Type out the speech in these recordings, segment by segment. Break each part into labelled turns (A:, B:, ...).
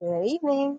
A: Good evening.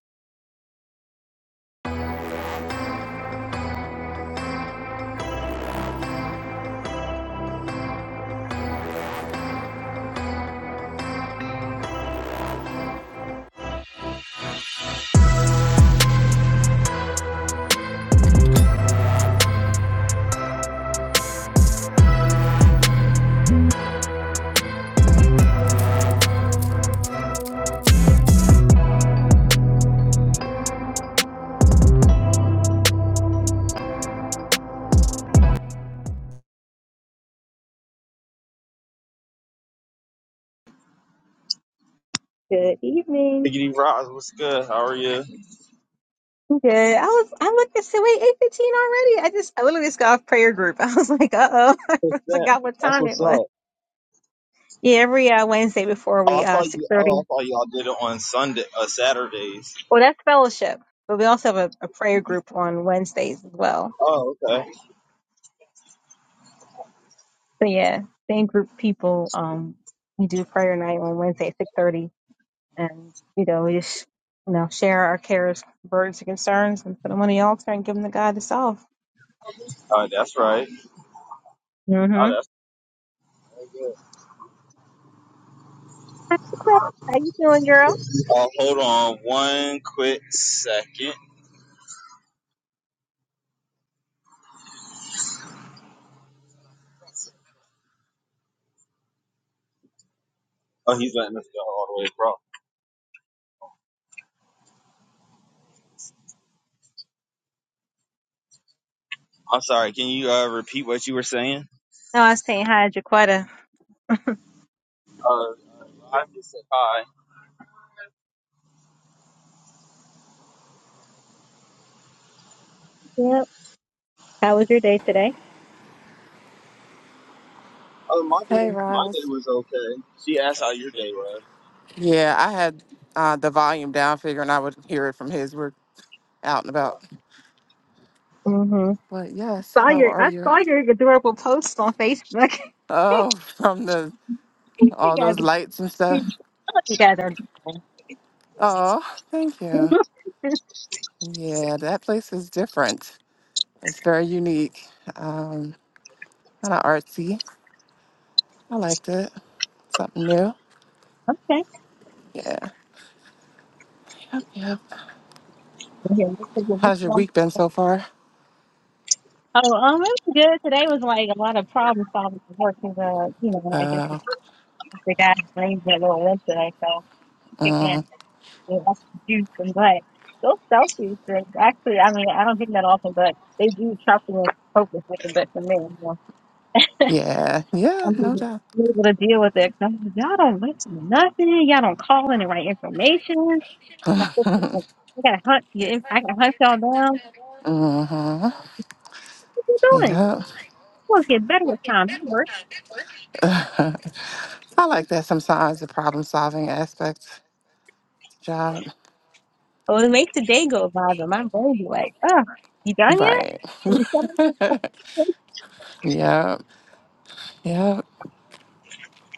A: Good evening.
B: Biggity Roz, what's good? How are you?
A: Good. I was. I looked and said, "Wait, eight fifteen already." I just. I literally just got off prayer group. I was like, "Uh oh,"
B: What's
A: I
B: that?
A: forgot what
B: That's
A: time
B: what's
A: it was.
B: up.
A: Yeah, every uh, Wednesday before
B: Oh, I
A: we uh
B: thought
A: six
B: you. Oh, I
A: thirty.
B: thought y'all did it on Sunday, uh, Saturdays.
A: Well, that's fellowship, but we also have a, a prayer group on Wednesdays as well.
B: Oh, okay.
A: So yeah, same group people. Um, we do prayer night on Wednesday at six thirty, and you know we just you know share our cares, burdens, and concerns, and put them on the altar and give them to God to solve.
B: All right, that's right.
A: Mm-hmm.
B: Oh, that's so good.
A: Hi, Jaquetta. How you doing, girl?
B: Oh, hold on one quick second. Oh, he's letting us go all the way, bro. I'm sorry. Can you uh, repeat what you were saying?
A: No, I was saying hi, Jaquetta.
B: Uh, I just said hi.
A: Yep. How was your day today?
B: Oh, my day,
C: Hey,
B: my day
C: Roz.
B: was okay. She asked how your day was.
C: Yeah, I had uh, the volume down, figuring I would hear it from his. We're out and about.
A: hmm
C: But yes,
A: Saw
C: how
A: your,
C: are
A: I
C: you?
A: saw your adorable posts on Facebook.
C: Oh, from the
A: you
C: all
A: guys,
C: those lights and stuff.
A: you guys are. adorable.
C: Oh, thank you. Yeah, that place is different. It's very unique. Um, kind of artsy. I liked it. Something new.
A: Okay.
C: Yeah. Yep. Yep.
A: Yeah, that's a good
C: How's your
A: one.
C: week been so far?
A: Oh, um, it was good. Today was like a lot of problem solving at work 'cause, uh, you know, I guess
C: Uh,
A: the guy blamed that little went today, so kick in.
C: mm,
A: you know, juice and but those selfies drinks actually I mean I don't drink that often but they do try to focus with the best of men. So
C: yeah. Yeah.
A: I'm
C: No
A: able
C: doubt.
A: I'm able to deal with it. 'Cause I'm like, y'all don't listen to nothing. Y'all don't call in the right information. Like this is like I gotta hunt you. I gotta hunt y'all down.
C: Uh huh.
A: What you doing?
C: Yep.
A: We'll get better with time. You work.
C: I like that sometimes the problem solving aspect job.
A: Well, it makes the day go by, but my brain be like, oh, you done yet?
C: Right.
A: Are you settled?
C: yep. Yep.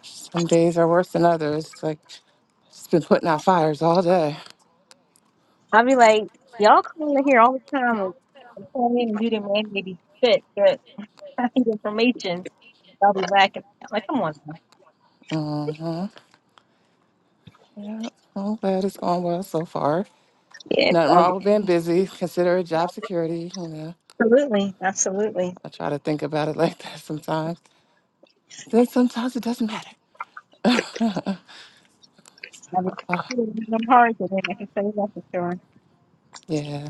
C: Some days are worse than others. Like it's been putting out fires all day.
A: I'll be like, y'all come in here all the time and come in and do the mandated shit, but I think information y'all be lacking. i Like, come on. now.
C: Uh huh. Yep. I'm glad it's going well so far.
A: Yeah, it's
C: Nothing
A: all
C: wrong
A: good.
C: with being busy. Consider it job security. You know,
A: Absolutely, absolutely.
C: I try to think about it like that sometimes. Then sometimes it doesn't matter.
A: I was
C: Uh,
A: I'm hard to I can say that for sure.
C: yeah.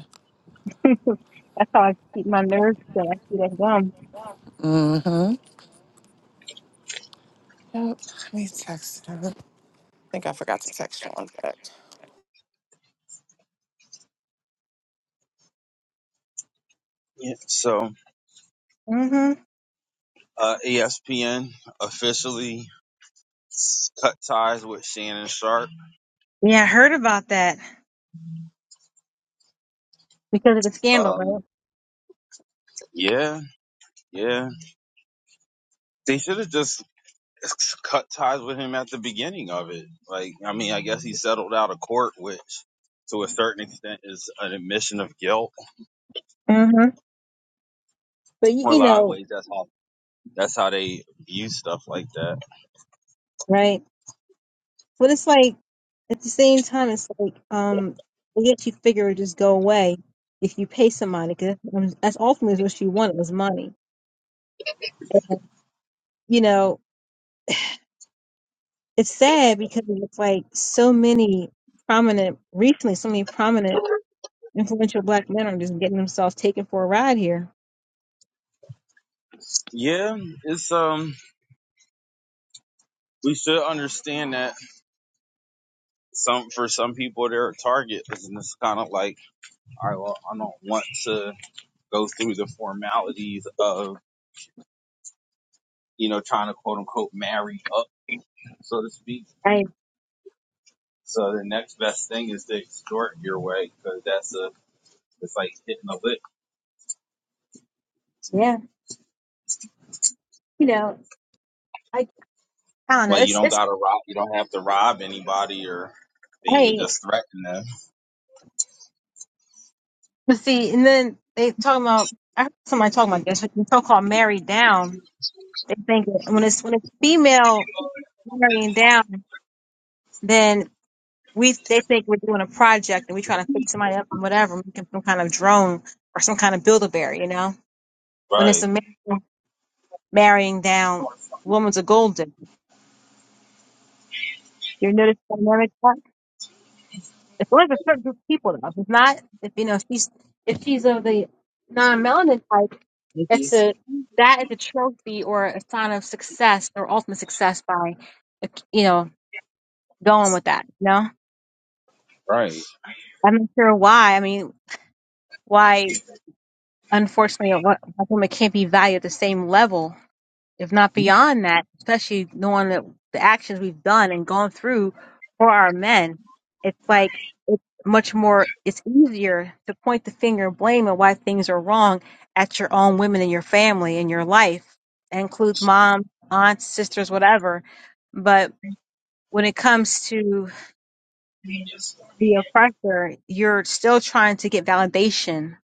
A: That's how I keep my nerves till I see that gum.
C: Mm-hmm. Yep. Let me text him. I think I forgot to text him one sec.
B: Yeah. So,
A: hmm
B: uh, ESPN officially cut ties with Shannon Sharp.
A: Yeah, I heard about that because of the scandal,
B: Um.
A: right?
B: Yeah, yeah. They should have just cut ties with him at the beginning of it. Like, I mean, I guess he settled out of court, which to a certain extent is an admission of guilt.
A: hmm But you,
B: Or a
A: you
B: lot of
A: know,
B: ways, that's how that's how they view stuff like that.
A: right? But it's like. At the same time, it's like, um, I guess you figure it would just go away if you pay somebody, because that's ultimately what she wanted was money. And, you know, it's sad because it's like so many prominent, recently, so many prominent, influential black men are just getting themselves taken for a ride here.
B: Yeah, it's um, we should understand that some for some people they're a target, and it's kind of like, all right, well, I don't want to go through the formalities of you know trying to quote unquote marry up, so to speak
A: I
B: So the next best thing is to extort your way because that's a it's like hitting a lick.
A: yeah, you know, I I don't know.
B: Like you
A: It's
B: don't
A: it's
B: gotta rob, you don't have to rob anybody or then you can
A: right.
B: just threaten them.
A: But see, and then they talking about. I heard somebody talking about this. When so called married down, they think that when it's when it's female marrying down. then we they think we're doing a project and we're trying to pick somebody up and whatever, making some kind of drone or some kind of Build-A-Bear, you know? When it's
B: Right,
A: a man marrying down woman's a golden. You notice the dynamic there? It's only a certain group of people though. If it's not if you know, if she's if she's of the non melanin type, it's a that is a trophy or a sign of success or ultimate success by you know, going with that, you know?
B: right.
A: I'm not sure why. I mean, why unfortunately, a lot black women can't be valued at the same level, if not beyond that, especially knowing that the actions we've done and gone through for our men. It's like it's much more, it's easier to point the finger and blame and why things are wrong at your own women in your family, in your life. That includes moms, aunts, sisters, whatever. But when it comes to the oppressor, you're still trying to get validation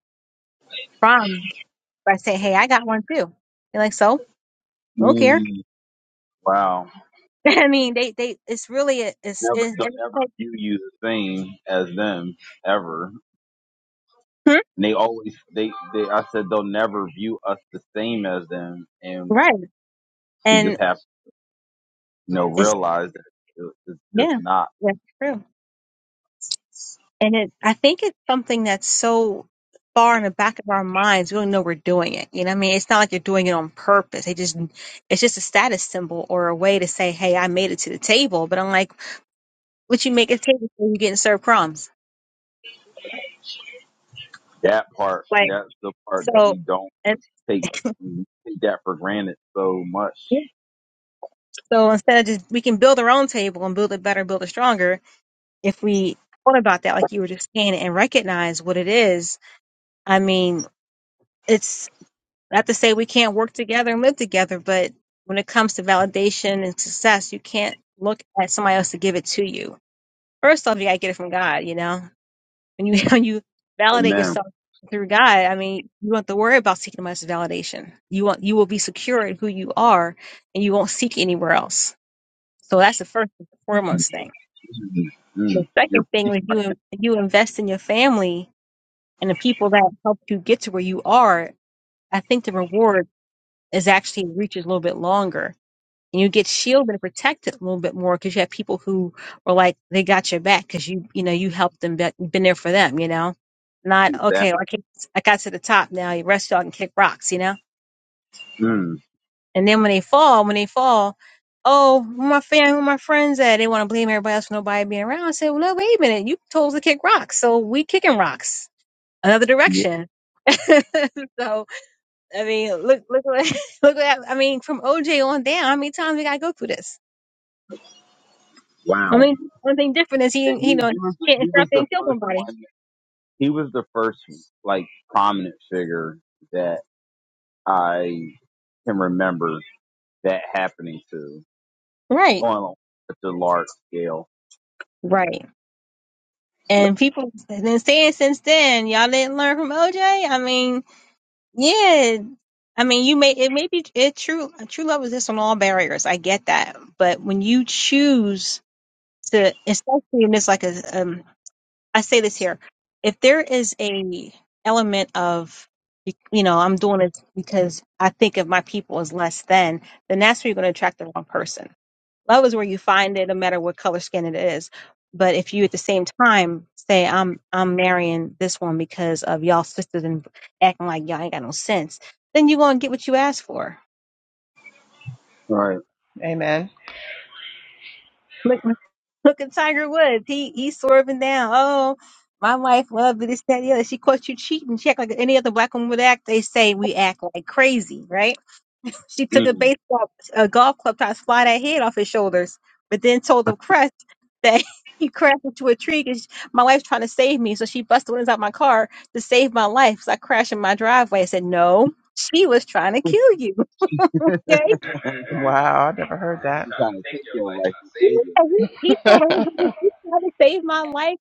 A: from by saying, hey, I got one too. You're like, so? I don't care.
B: Mm, wow.
A: I mean, they they it's really a, it's
B: Never,
A: it,
B: they'll
A: and it's
B: never
A: like
B: view you the same as them ever.
A: Hmm?
B: And they always they they I said they'll never view us the same as them, and
A: right,
B: we
A: and
B: just have to you know
A: it's
B: realize that it- it's just
A: yeah,
B: not
A: that's true. And it I think it's something that's so far in the back of our minds. We don't know we're doing it. You know, what I mean, it's not like you're doing it on purpose. They just it's just a status symbol or a way to say, hey, I made it to the table. But I'm like, what you make a table for? You getting served crumbs?
B: that part.
A: Like
B: That's the part that
A: so,
B: we don't.
A: and
B: take take that for granted so much.
A: yeah, so instead of just we can build our own table and build it better, build it stronger if we thought about that, like you were just saying, and recognize what it is, I mean, it's not to say we can't work together and live together, but when it comes to validation and success, you can't look at somebody else to give it to you. First off, you gotta get it from God, you know? When you when you validate
B: Amen.
A: yourself through God, I mean, you don't have to worry about seeking much validation. You want you will be secure in who you are and you won't seek anywhere else. So that's the first and foremost thing. The
B: Mm,
A: second
B: you're
A: thing is you you invest in your family and the people that helped you get to where you are, I think the reward is actually reaches a little bit longer. And you get shielded and protected a little bit more because you have people who were like, they got your back because you, you know, you helped them, be, you've been there for them, you know? Not,
B: that.
A: okay, I, can I got to the top now, you rest y'all and kick rocks, you know?
B: Mm,
A: And then when they fall, when they fall, oh, where my family, where my friends at? They want to blame everybody else for nobody being around. I say, well, no, wait a minute, you told us to kick rocks. So we kicking rocks another
B: yeah,
A: direction. so, I mean, look, look what, look what hap- I mean, from OJ on down. How many times we gotta go through this? I
B: wow.
A: mean, one thing different is
B: And
A: he, you
B: he,
A: know,
B: he was the,
A: can't
B: he was
A: interrupt
B: the
A: and kill
B: first
A: somebody.
B: one. He was the first like prominent figure that I can remember that happening to
A: Right,
B: on such a large scale.
A: right. And people have been saying since then, y'all didn't learn from OJ. I mean, yeah. I mean, you may it may be it true. True love exists on all barriers. I get that, but when you choose to, especially when it's like a, um, I say this here. If there is a element of you know, I'm doing it because I think of my people as less than, then that's where you're going to attract the wrong person. Love is where you find it, no matter what color skin it is. But if you at the same time say, I'm I'm marrying this one because of y'all sisters and acting like y'all ain't got no sense, then you're gonna get what you asked for.
B: Right.
A: Look, look at Tiger Woods. He he's swerving down. Oh, my wife loved it. This, that, the other. She caught you cheating. She act like any other black woman would act. They say we act like crazy, right? She took a
B: Mm.
A: baseball, a golf club, tried to fly that head off his shoulders, but then told the crest that he crashed into a tree because my wife's trying to save me. So she busted the windows out my car to save my life. So I crashed in my driveway. I said, no, she was trying to kill you. Okay?
C: Wow, I never heard that.
B: She's trying to take your life and
A: He
B: save your
A: he told her, he was trying to save my life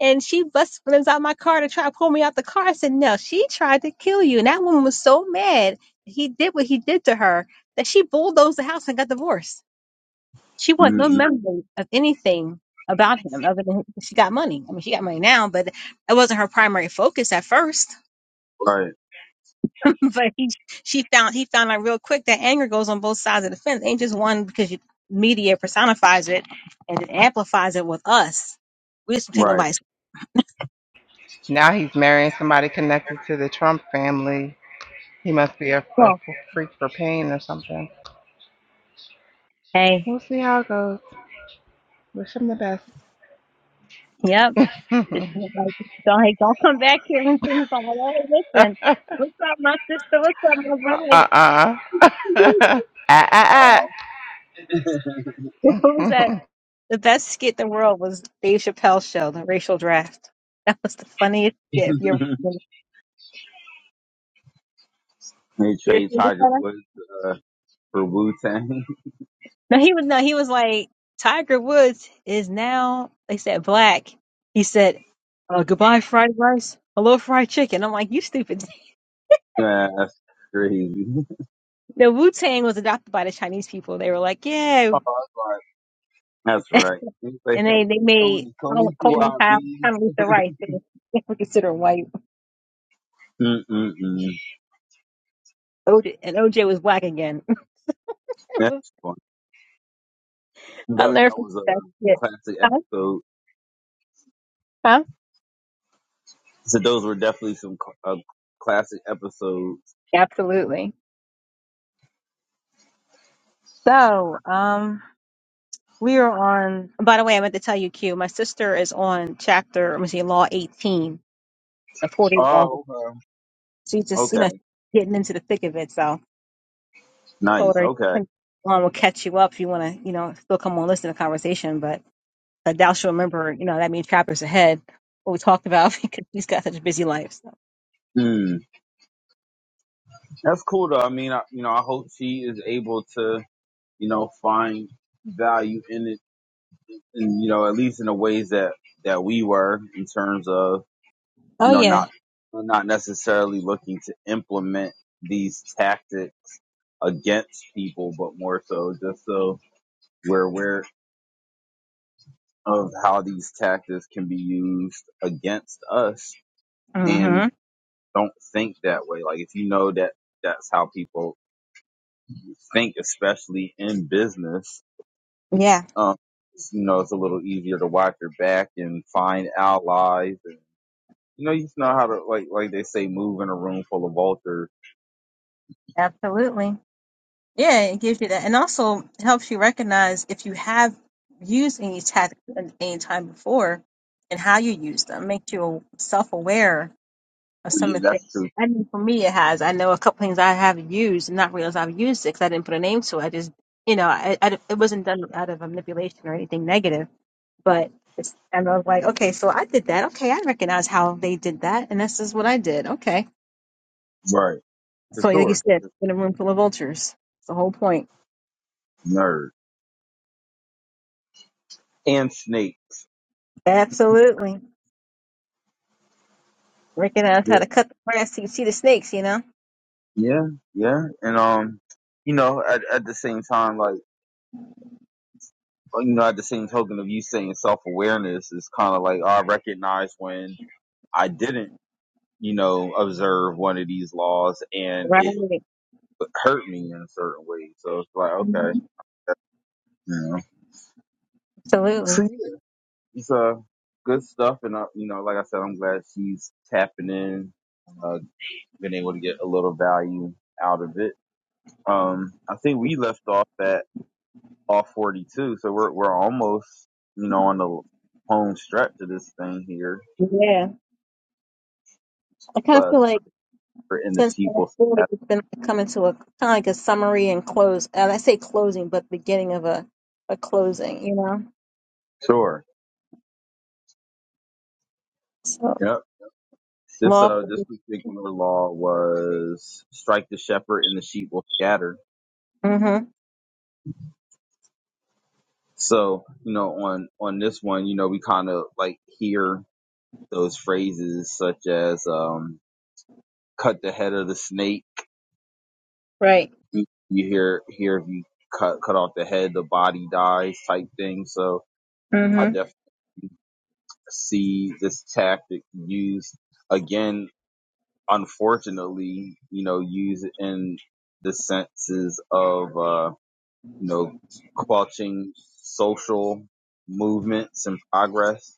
A: And she busts flims out my car to try to pull me out the car. I said, No, she tried to kill you. And that woman was so mad he did what he did to her that she bulldozed the house and got divorced. She wanted no
B: life. Mm-hmm.
A: memory of anything about him other than she got money. I mean, she got money now, but it wasn't her primary focus at first. but he, she found, he found out real quick that anger goes on both sides of the fence. It ain't just one because you, media personifies it and it amplifies it with us. We just don't take
B: Right.
A: nobody's.
C: now he's marrying somebody connected to the Trump family. He must be a
A: Well,
C: a freak for pain or something.
A: hey,
C: We'll see how it goes. Wish him the best.
A: yep. It's not like, don't, hey, don't come back here and things like, hey, listen,
C: uh
A: what's up, my sister? What's up, my brother? Like,
C: uh. Ah ah
A: what
C: ah.
A: was that? The best skit in the world was Dave Chappelle's show, The Racial Draft. That was the funniest skit. If you're,
B: Right. They
A: you're
B: trade Tiger
A: no,
B: Woods uh, for Wu Tang.
A: he was no, he was like Tiger Woods is now. They said black. He said, uh, "Goodbye, fried rice. Hello, fried chicken." I'm like, "You stupid."
B: Yeah, that's crazy.
A: The Wu Tang was adopted by the Chinese people. They were like, "Yeah."
B: Oh, that's right. That's right. You say
A: And they, they made
B: Coney, Coney
A: Colin Colin Powell,
B: CYB.
A: Condoleezza Rice. They were considered white.
B: Mm-mm-mm.
A: OJ, and OJ was black again.
B: That's fun.
A: I'll
B: That,
A: never
B: that
A: forget
B: was
A: that
B: a
A: shit.
B: classic
A: Huh?
B: episode.
A: Huh?
B: So those were definitely some cl- uh, classic episodes.
A: Absolutely. So, um, we are on, by the way, I meant to tell you, Q, my sister is on chapter, let me see, Law 18, the 40 law.
B: Oh, okay.
A: She's just, you know,
B: Okay,
A: getting into the thick of it. So I told
B: nice.
A: her,
B: Okay,
A: um, will catch you up if you want to, you know, still come on, listen to the conversation. Like thou shalt remember, you know, that means chapters ahead. What we talked about because he's got such a busy life. So.
B: mm. that's cool though. I mean, I, you know, I hope she is able to, you know, find value in it, and you know, at least in the ways that that we were in terms of. you
A: Oh
B: know,
A: yeah.
B: not not necessarily looking to implement these tactics against people, but more so just so we're aware of how these tactics can be used against us and
A: hmm
B: don't think that way. Like if you know that that's how people think, especially in business,
A: Yeah,
B: um, you know, it's a little easier to watch your back and find allies. And, you know, you just know how to, like, like they say, move in a room full of vultures.
A: absolutely. Yeah, it gives you that and also helps you recognize if you have used any tactics at any time before and how you use them. Makes you self aware of some
B: Yeah,
A: of the things.
B: that's true.
A: I mean, for me, it has. I know a couple things I have used and not realize I've used it because I didn't put a name to it. I just, you know, I, I, it wasn't done out of a manipulation or anything negative. But it's, and I was like, okay, so I did that. Okay, I recognize how they did that, and this is what I did. Okay.
B: right? for
A: So like you
B: sure.
A: said, in a room full of vultures. It's the whole point.
B: Nerd and Snake.
A: Absolutely. Recognize how
B: Yeah,
A: to cut the grass so you see the snakes, you know?
B: yeah, yeah. And um, you know, at at the same time, like uh, you know, at the same token of you saying self awareness is kind of like oh, I recognize when I didn't, you know, observe one of these laws, and
A: Right.
B: it hurt me in a certain way. So it's like
A: Mhm.
B: okay, that, you know. So
A: Absolutely.
B: yeah, it's uh good stuff, and uh, you know, like I said, I'm glad she's tapping in, uh, been able to get a little value out of it Um, I think we left off at off 42, so we're we're almost you know on the home stretch of this thing here.
A: Yeah. I kind of
B: Uh,
A: feel like
B: for in the
A: since
B: sheep
A: the
B: will
A: 40,
B: have
A: it's been coming to a kind of like a summary and close. And I say closing, but beginning of a, a closing, you know?
B: sure.
A: So,
B: Yep. This
A: law.
B: uh this particular law was strike the shepherd and the sheep will scatter.
A: Mm-hmm.
B: So you know on on this one you know we kind of like hear those phrases such as um cut the head of the snake
A: Right.
B: you you hear hear if you cut cut off the head, the body dies type thing. So I
A: Mm-hmm.
B: definitely see this tactic used again. Unfortunately, you know, used in the senses of uh, you know clutching social movements and progress.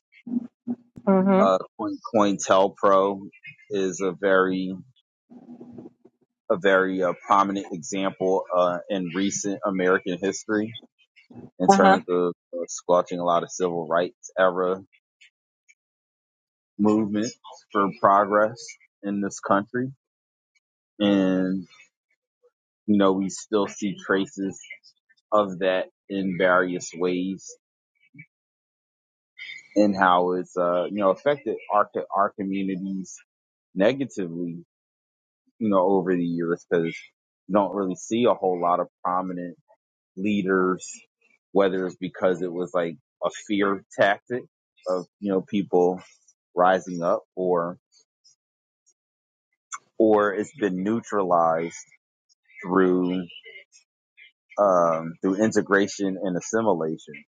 B: Uh,
A: Mm-hmm.
B: Coin COINTELPRO is a very a very uh, prominent example uh, in recent American history in
A: Uh-huh.
B: terms of uh, squelching a lot of civil rights era movement for progress in this country. And, you know, we still see traces of that in various ways and how it's, uh, you know, affected our, our communities negatively, you know, over the years because you don't really see a whole lot of prominent leaders, whether it's because it was like a fear tactic of, you know, people rising up or or it's been neutralized through um, through integration and assimilation.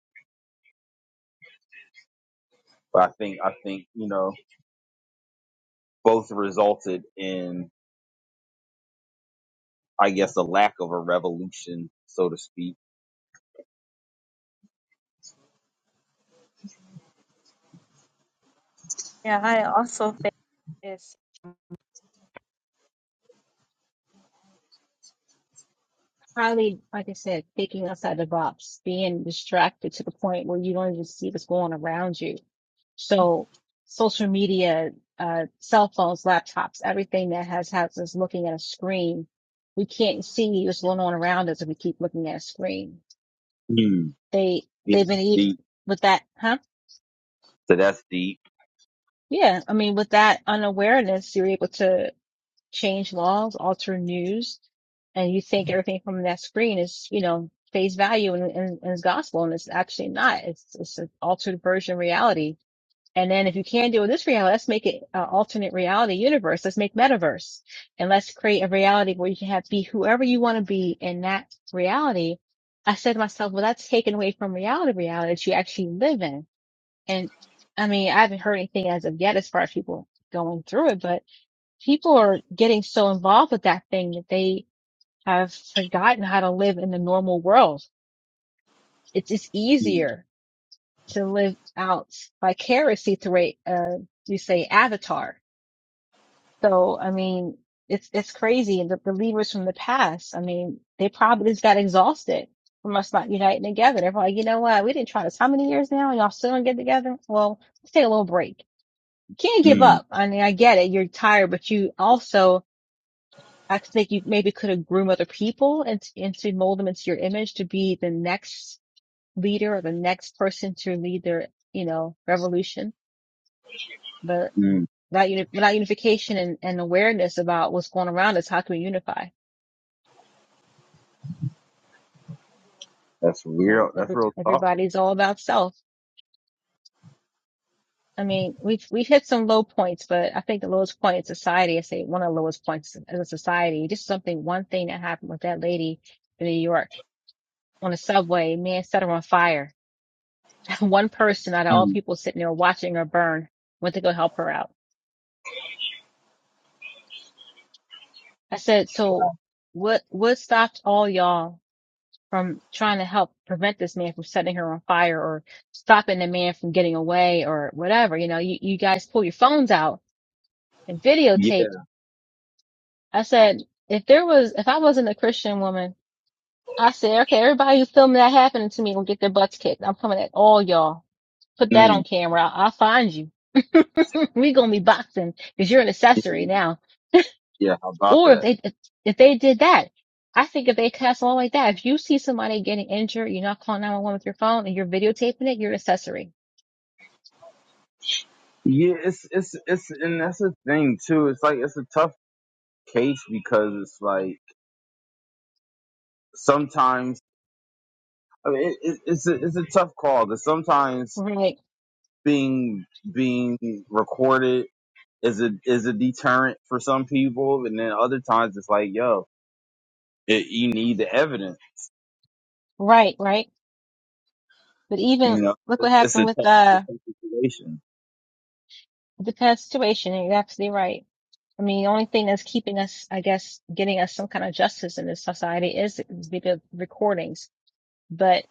B: But I think I think you know both resulted in I guess a lack of a revolution, so to speak.
A: Yeah, I also think it's Probably, like I said, thinking outside the box, being distracted to the point where you don't even see what's going on around you. So social media, uh, cell phones, laptops, everything that has has us looking at a screen, we can't see what's going on around us if we keep looking at a screen.
B: Mm,
A: They they've
B: it's
A: been ev-
B: deep.
A: with that, huh?
B: So that's deep.
A: Yeah, I mean, with that unawareness, you're able to change laws, alter news, and you think everything from that screen is, you know, face value and, and, and is gospel, and it's actually not. It's it's an altered version of reality. And then if you can't deal with this reality, let's make it an alternate reality universe. Let's make metaverse, and let's create a reality where you can have be whoever you want to be in that reality. I said to myself, well, that's taken away from reality, reality that you actually live in. And I mean, I haven't heard anything as of yet as far as people going through it, but people are getting so involved with that thing that they have forgotten how to live in the normal world. It's it's
B: Mm,
A: easier to live out vicariously through a uh, you say avatar. So I mean, it's it's crazy. And the believers from the past, I mean, they probably just got exhausted from us not uniting together. They're like, you know what? We didn't try this how many years now, and y'all still don't get together. Well, let's take a little break. You can't give
B: mm,
A: up. I mean, I get it. You're tired, but you also I think you maybe could have groomed other people and, and to mold them into your image to be the next leader or the next person to lead their, you know, revolution. But
B: mm.
A: without, uni- without unification and, and awareness about what's going around us, how can we unify?
B: That's
A: And
B: real. That's
A: every,
B: real talk.
A: everybody's all about self. I mean, we've, we've hit some low points, but I think the lowest point in society, I say one of the lowest points as a society, just something, one thing that happened with that lady in New York on the subway, man set her on fire one person out of all
B: Mm,
A: people sitting there watching her burn went to go help her out. I said, so what, what stopped all y'all from trying to help prevent this man from setting her on fire or stopping the man from getting away or whatever? You know, you, you guys pull your phones out and
B: yeah.
A: videotape. I said, if there was, if I wasn't a Christian woman, I said, okay, everybody who's filming that happening to me will get their butts kicked. I'm coming at all y'all. Put that on
B: Mm,
A: camera. I'll, I'll find you. we gonna be boxing because you're an accessory
B: mm.
A: now.
B: yeah. How about
A: Or if
B: that?
A: they if if they did that, I think if they cast law like that, if you see somebody getting injured, you're not calling 911 with your phone and you're videotaping it, you're an accessory.
B: Yeah. It's it's it's and that's the thing too. It's like it's a tough case because it's like sometimes I mean, it, it, it's a, it's a tough call. That sometimes
A: Right,
B: being being recorded is a is a deterrent for some people, and then other times it's like, yo, it, you need the evidence.
A: right, right. But even
B: You know,
A: look what
B: it's, it's
A: happened
B: a
A: with
B: tough,
A: uh,
B: it's a tough situation.
A: the past situation. and You're absolutely right. I mean, the only thing that's keeping us, I guess, getting us some kind of justice in this society is video recordings. But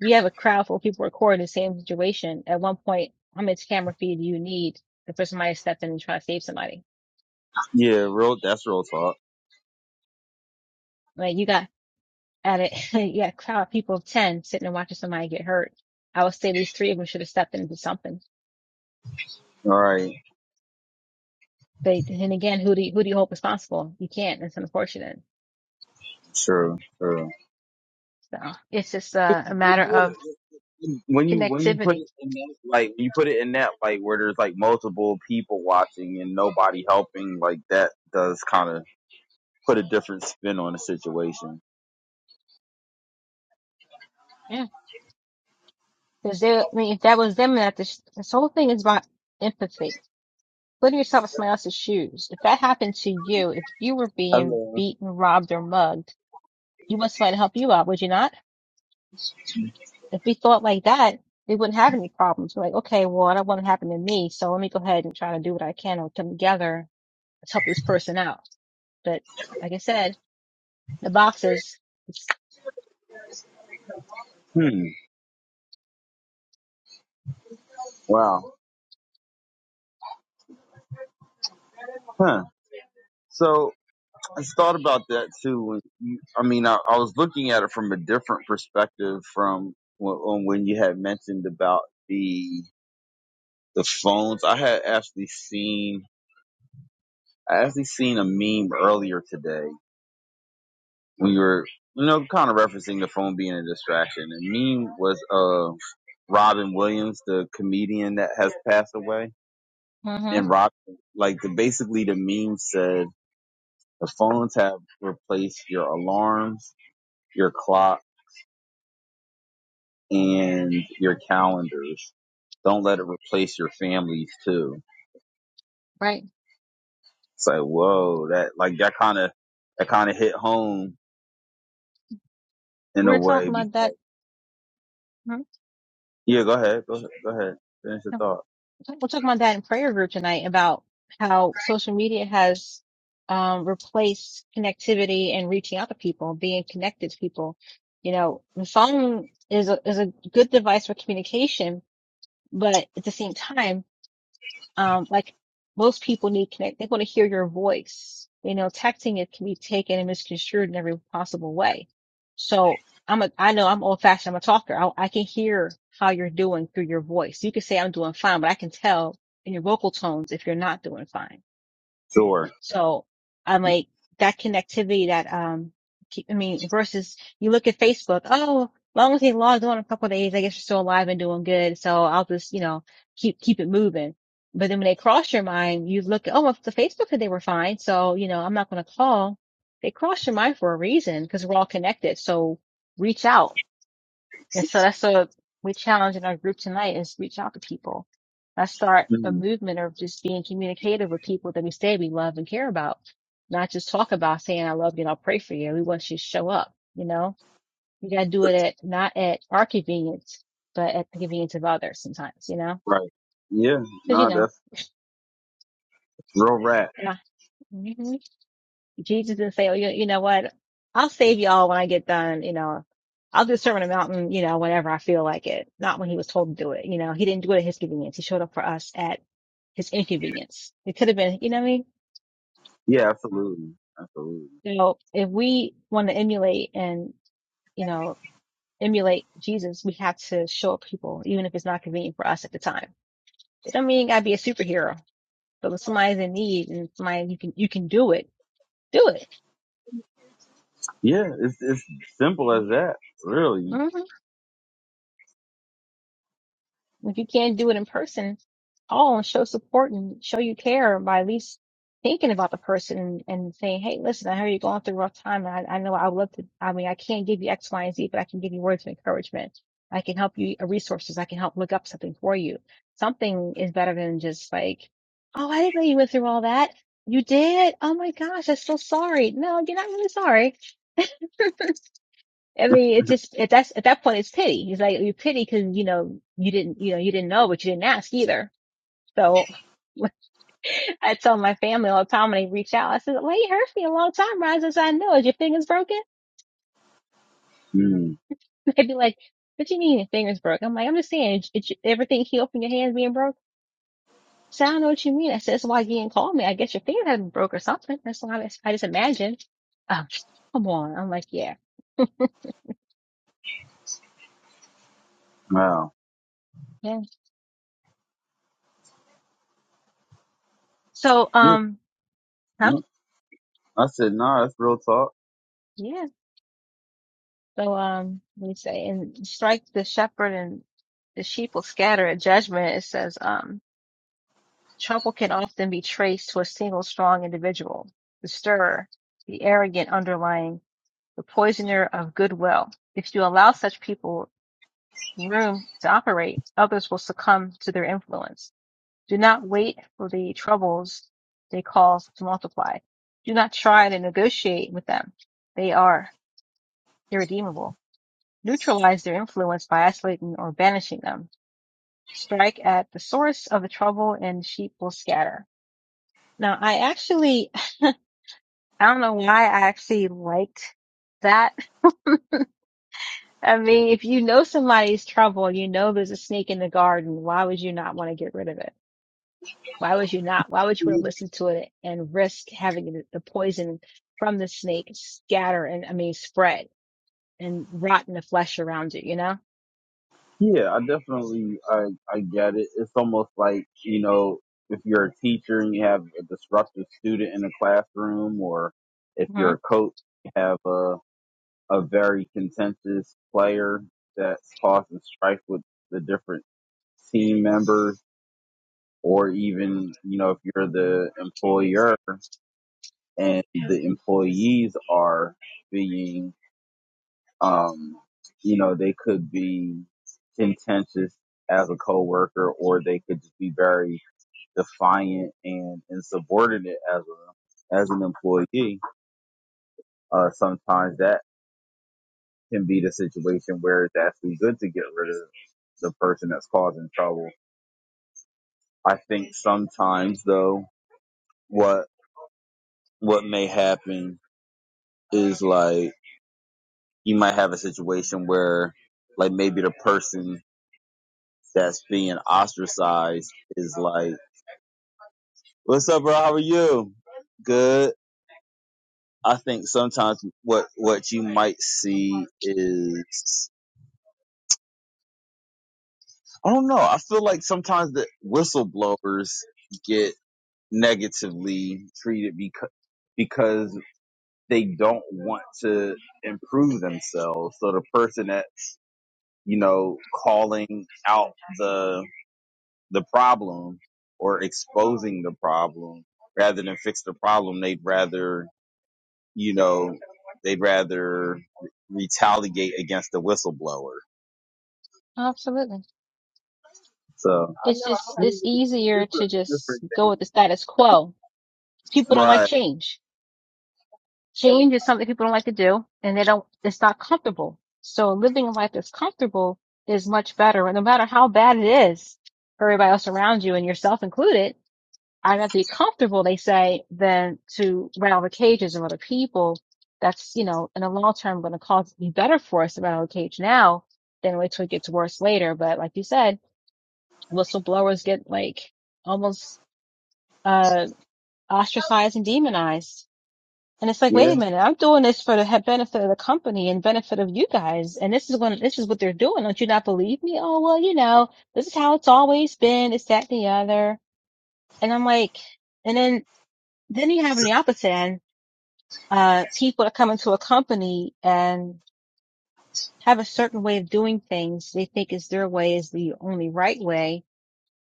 A: we have a crowd full of people recording the same situation. At one point, how much camera feed do you need for somebody to step in and try to save somebody?
B: Yeah, real. That's real talk.
A: Like you got at it, yeah, a crowd of people of 10 sitting and watching somebody get hurt. I would say at least three of them should have stepped in and did something.
B: All right,
A: But then again, who do you, who do you hold responsible? You can't. It's unfortunate.
B: true, true.
A: So it's just a,
B: Yeah.
A: a matter of
B: When you when you put it
A: connectivity.
B: in that like when you put it in that like where there's like multiple people watching and nobody helping, like that does kind of put a different spin on the situation.
A: Yeah. Cause they, I mean, if that was them, that this, this whole thing is about empathy. Putting yourself in somebody else's shoes. If that happened to you, if you were being
B: Hello.
A: beaten, robbed, or mugged, you want somebody to help you out, would you not? If we thought like that, we wouldn't have any problems. We're like, okay, well, I don't want it to happen to me, so let me go ahead and try to do what I can and come together. Let's help this person out. But like I said, the boxes,
B: Hmm. Wow. Huh. So I thought about that too. When you, I mean, I, I was looking at it from a different perspective from when, on when you had mentioned about the the phones. I had actually seen I actually seen a meme earlier today when you were you know kind of referencing the phone being a distraction. The meme was uh Robin Williams, the comedian that has passed away,
A: hmm
B: and Rob like the basically the meme said. The phones have replaced your alarms, your clock, and your calendars. Don't let it replace your families too.
A: right?
B: It's like, whoa, that like that kind of that kind of hit home in
A: We
B: a
A: were
B: way
A: talking about that.
B: because
A: mhm.
B: yeah, go ahead, go ahead, go ahead, finish your
A: No,
B: thought.
A: We're talking about that in prayer group tonight about how social media has um, replaced connectivity and reaching out to people, being connected to people. You know, the phone is a, is a good device for communication, but at the same time, um, like most people need connect. They want to hear your voice. You know, texting it can be taken and misconstrued in every possible way. So I'm a, I know I'm old fashioned. I'm a talker. I, I can hear how you're doing through your voice. You can say I'm doing fine, but I can tell in your vocal tones if you're not doing fine.
B: Sure,
A: So I'm like that connectivity that um keep- I mean versus you look at Facebook, oh, long as they logged on a couple of days, I guess you're still alive and doing good. So I'll just, you know, keep keep it moving. But then when they cross your mind, you look at, oh, well, the Facebook said they were fine. So, you know, I'm not going to call. They cross your mind for a reason because we're all connected. So reach out and so that's a we challenge in our group tonight is reach out to people. Let's start a
B: Mm,
A: movement of just being communicative with people that we say we love and care about. Not just talk about saying I love you and I'll pray for you. We want you to show up, you know? You gotta do it at not at our convenience, but at the convenience of others sometimes, you know?
B: right? Yeah,
A: Because you
B: no,
A: know,
B: that's real rap.
A: yeah. Mhm. Jesus didn't say, oh, you, you know what? I'll save y'all when I get done. You know, I'll do a sermon on a mountain, you know, whenever I feel like it. Not when he was told to do it. You know, he didn't do it at his convenience. He showed up for us at his inconvenience. It could have been, you know what I mean?
B: Yeah, absolutely, absolutely.
A: You know, if we want to emulate and, you know, emulate Jesus, we have to show up people, even if it's not convenient for us at the time. It don't mean you gotta be a superhero, but when somebody's in need and somebody you can, you can do it, do it.
B: Yeah, it's it's simple as that, really.
A: Mm-hmm. If you can't do it in person, call and show support and show you care by at least thinking about the person and, and saying, Hey, listen, I heard you're going through a rough time. And I, I know I would love to, I mean, I can't give you X, Y, and Z, but I can give you words of encouragement. I can help you uh, resources. I can help look up something for you. Something is better than just like, Oh, I didn't know you went through all that. You did. Oh my gosh. I'm so sorry. No, you're not really sorry. I mean, it's just at that at that point, it's pity. It's like you pity because you know you didn't you know you didn't know, but you didn't ask either. So I tell my family all the time when they reach out, I said, "Well, you hurt me a long time, Ron. Since I know, is your fingers broken?"
B: Mm,
A: They'd be like, "What do you mean your fingers broke?" I'm like, "I'm just saying, is, is everything healed from your hands being broke?" So I don't know what you mean. I said, "That's why you didn't call me. I guess your fingers had not broke or something." That's why I, just- I just imagined. Oh, come on. I'm like, yeah,
B: wow.
A: yeah. So,
B: Yeah,
A: um, huh?
B: no, I said, nah, that's real talk.
A: yeah. So um we say and strike the shepherd and the sheep will scatter at judgment. It says um trouble can often be traced to a single strong individual, the stirrer, the arrogant underlying, the poisoner of goodwill. If you allow such people room to operate, others will succumb to their influence. Do not wait for the troubles they cause to multiply. Do not try to negotiate with them. They are irredeemable. Neutralize their influence by isolating or banishing them. Strike at the source of the trouble and the sheep will scatter. Now, I actually, I don't know why I actually liked that. I mean, if you know somebody's trouble, you know there's a snake in the garden, why would you not want to get rid of it? Why would you not? Why would you want to listen to it and risk having the poison from the snake scatter and, I mean, spread and rot in the flesh around you, you know?
B: Yeah, I definitely I I get it. It's almost like, you know, if you're a teacher and you have a disruptive student in a classroom or if
A: hmm
B: you're a coach you have a a very contentious player that's causing strife with the different team members or even, you know, if you're the employer and the employees are being Um, you know, they could be contentious as a coworker, or they could just be very defiant and insubordinate as a as an employee. Uh, sometimes that can be the situation where it's actually good to get rid of the person that's causing trouble. I think sometimes though, what what may happen is like you might have a situation where like maybe the person that's being ostracized is like What's up, bro? How are you? Good. I think sometimes what what you might see is I don't know. I feel like sometimes the whistleblowers get negatively treated because because they don't want to improve themselves. So the person that you know calling out the the problem or exposing the problem rather than fix the problem, they'd rather you know, they'd rather retaliate against the whistleblower.
A: Absolutely.
B: So,
A: It's just it's easier
B: Different,
A: to
B: different.
A: just go with the status quo. People don't like
B: right.
A: change. Change is something people don't like to do, and they don't. It's not comfortable. So living a life that's comfortable is much better. And no matter how bad it is for everybody else around you and yourself included, I'd rather be comfortable, they say, than to run out of cages of other people. That's you know, in the long term, going to cause it be better for us to run out of cage now than wait till it gets worse later. But like you said, whistleblowers get like almost uh, ostracized and demonized. And it's like, wait
B: Yeah.
A: a minute, I'm doing this for the benefit of the company and benefit of you guys. And this is when, this is what they're doing. Don't you not believe me? Oh, well, you know, this is how it's always been. It's that, and the other. And I'm like, and then, then you have on the opposite end, uh, people that come into a company and have a certain way of doing things. They think is their way is the only right way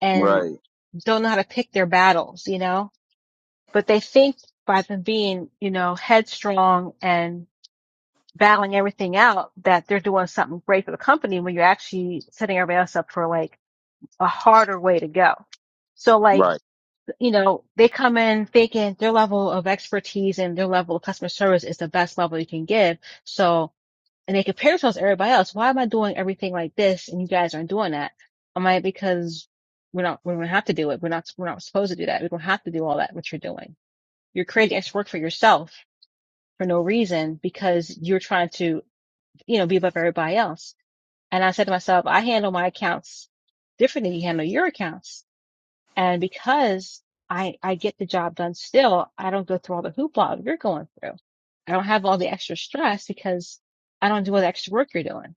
A: and
B: Right.
A: don't know how to pick their battles, you know? but they think by them being, you know, headstrong and battling everything out that they're doing something great for the company when you're actually setting everybody else up for like a harder way to go. So like,
B: Right.
A: you know, they come in thinking their level of expertise and their level of customer service is the best level you can give. So, and they compare themselves to everybody else. Why am I doing everything like this and you guys aren't doing that? Am I because we're not, we don't have to do it. We're not, we're not supposed to do that. We don't have to do all that, what you're doing you're creating extra work for yourself for no reason because you're trying to, you know, be above everybody else. And I said to myself, I handle my accounts different than you handle your accounts. And because I, I get the job done still, I don't go through all the hoopla you're going through. I don't have all the extra stress because I don't do all the extra work you're doing.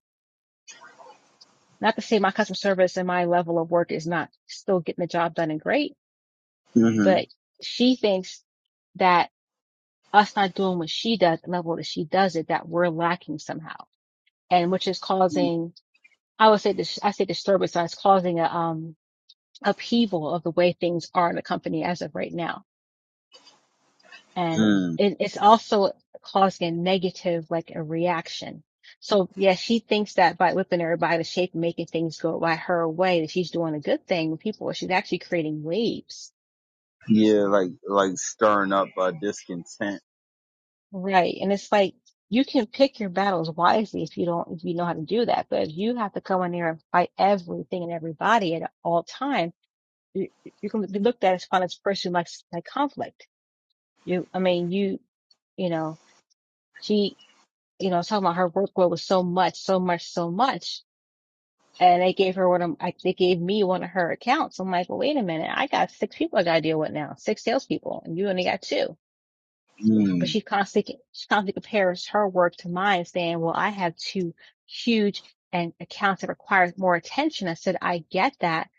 A: Not to say my customer service and my level of work is not still getting the job done and great,
B: hmm
A: but she thinks that us not doing what she does, the level that she does it, that we're lacking somehow, and which is causing, I would say, dis- I say disturbance, so it's causing a um upheaval of the way things are in the company as of right now, and
B: Mm.
A: it, it's also causing a negative, like a reaction. So yeah, she thinks that by whipping everybody to shape and making things go by her way, that she's doing a good thing with people. She's actually creating waves
B: Yeah, like like stirring up uh, discontent.
A: Right. And it's like you can pick your battles wisely if you don't, if you know how to do that. But if you have to come in there and fight everything and everybody at all time, you, you can be looked at as fun as a person who likes like conflict. You, I mean, you, you know, she, you know, talking about her workload was so much, so much, so much. And they gave her one of, I, they gave me one of her accounts. I'm like, well, wait a minute. I got six people I got to deal with now, six salespeople and you only got two. But
B: Mm.
A: she constantly, she constantly compares her work to mine, saying, well, I have two huge and accounts that require more attention. I said, I get that,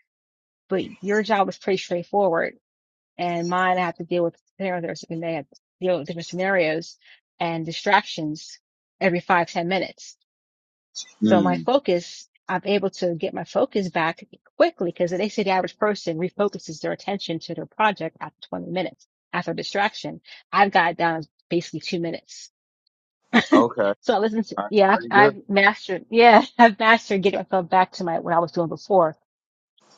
A: but your job is pretty straightforward. And mine, I have to deal with scenarios, and they have to deal with different scenarios and distractions every five, ten minutes. So my
B: Mm.
A: focus, I'm able to get my focus back quickly because they say the average person refocuses their attention to their project after 20 minutes after distraction. I've got it down basically two minutes.
B: Okay. All
A: So I listen to,
B: right.
A: yeah, I've,
B: Very good.
A: I've mastered, yeah, I've mastered getting myself back to my, what I was doing before.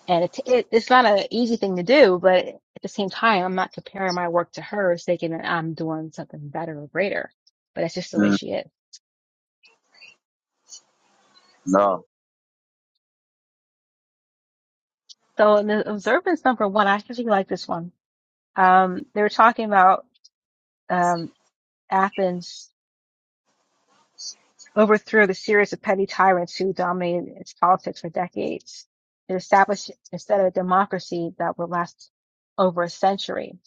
A: And it, it, it's not an easy thing to do, but at the same time, I'm not comparing my work to hers, thinking that I'm doing something better or greater, but that's just the way
B: Mm.
A: she is.
B: No.
A: So in the observance number one, I actually like this one. Um, they were talking about, um, Athens overthrew the series of petty tyrants who dominated its politics for decades. It established instead of a democracy that would last over a century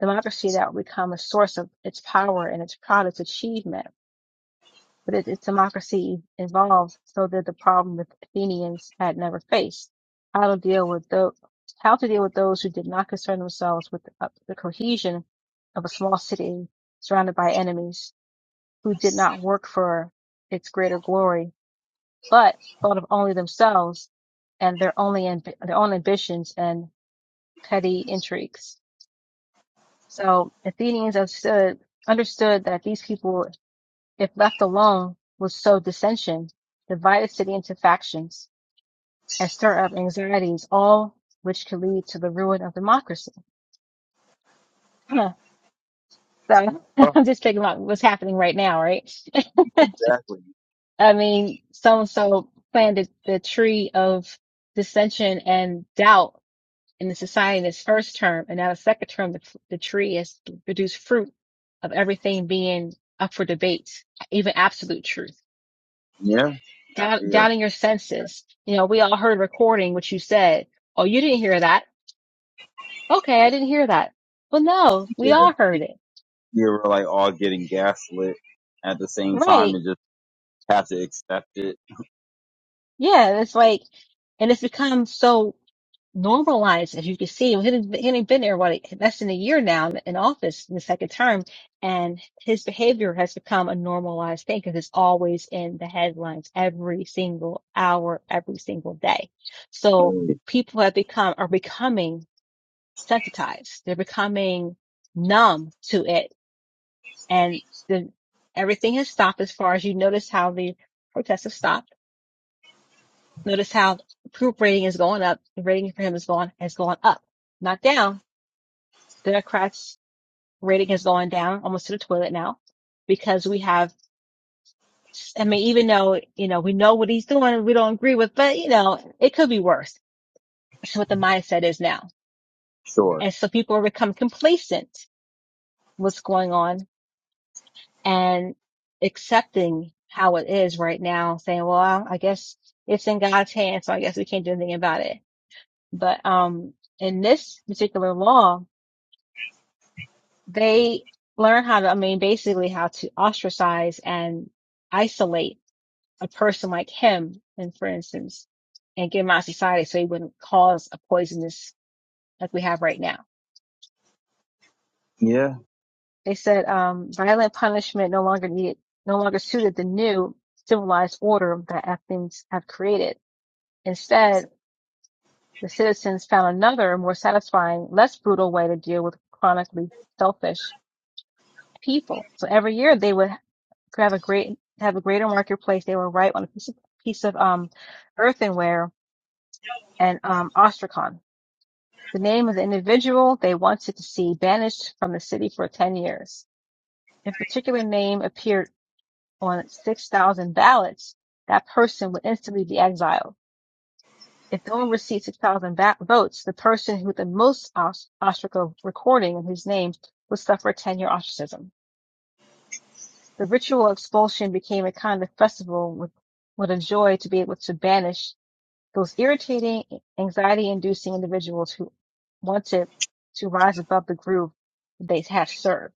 A: democracy that will become a source of its power and its proud its achievement. But it, its democracy evolved so that the problem that the Athenians had never faced. How to deal with those, how to deal with those who did not concern themselves with the, uh, the cohesion of a small city surrounded by enemies who did not work for its greater glory, but thought of only themselves and their only amb- their own ambitions and petty intrigues. So Athenians understood understood that these people, if left alone, would sow dissension, divide a city into factions, and stir up anxieties, all which could lead to the ruin of democracy. So
B: Well,
A: I'm just thinking about what's happening right now, right?
B: exactly.
A: I mean, so and so planted the tree of dissension and doubt in the society in its first term and not a second term, the, the tree has produced fruit of everything being up for debate, even absolute truth.
B: Yeah. Yeah.
A: Doubt,
B: Yeah.
A: doubting your senses. You know, we all heard recording what you said. Oh, you didn't hear that. Okay, I didn't hear that. Well, no,
B: yeah.
A: we all heard it.
B: You're like all getting gaslit at the same time
A: Right.
B: and just have to accept it.
A: Yeah, it's like, and it's become so normalized, as you can see. He had he had been there, what, less than a year now in office in the second term. And his behavior has become a normalized thing because it's always in the headlines every single hour, every single day. So
B: Mm.
A: people have become, are becoming sensitized. They're becoming numb to it. And the, everything has stopped as far as you notice how the protests have stopped. Notice how approval rating is going up. The rating for him is going, has gone up, not down Democrats' rating is going down almost to the toilet now because we have, I mean, even though, you know, we know what he's doing, we don't agree with, but you know, it could be worse. That's what the mindset is now.
B: Sure.
A: And so people become complacent with what's going on and accepting how it is right now, saying, well, I guess it's in God's hands. So I guess we can't do anything about it. But, um, in this particular law, they learn how to, I mean, basically how to ostracize and isolate a person like him, and for instance, and get him out of society so he wouldn't cause a poisonous like we have right now.
B: Yeah.
A: They said, um, violent punishment no longer needed, no longer suited the new civilized order that Athens had created. Instead, the citizens found another more satisfying, less brutal way to deal with chronically selfish people. So every year they would could have a great have a greater marketplace. They were right on a piece of piece of um earthenware and um ostrakhan. The name of the individual they wanted to see banished from the city for ten years. If a particular name appeared on six thousand ballots, that person would instantly be exiled. If no one received six thousand ba- votes, the person with the most os- ostraca recording of his name would suffer ten-year ostracism. The ritual expulsion became a kind of festival with what a joy to be able to banish Those irritating, anxiety inducing individuals who wanted to rise above the group they have served.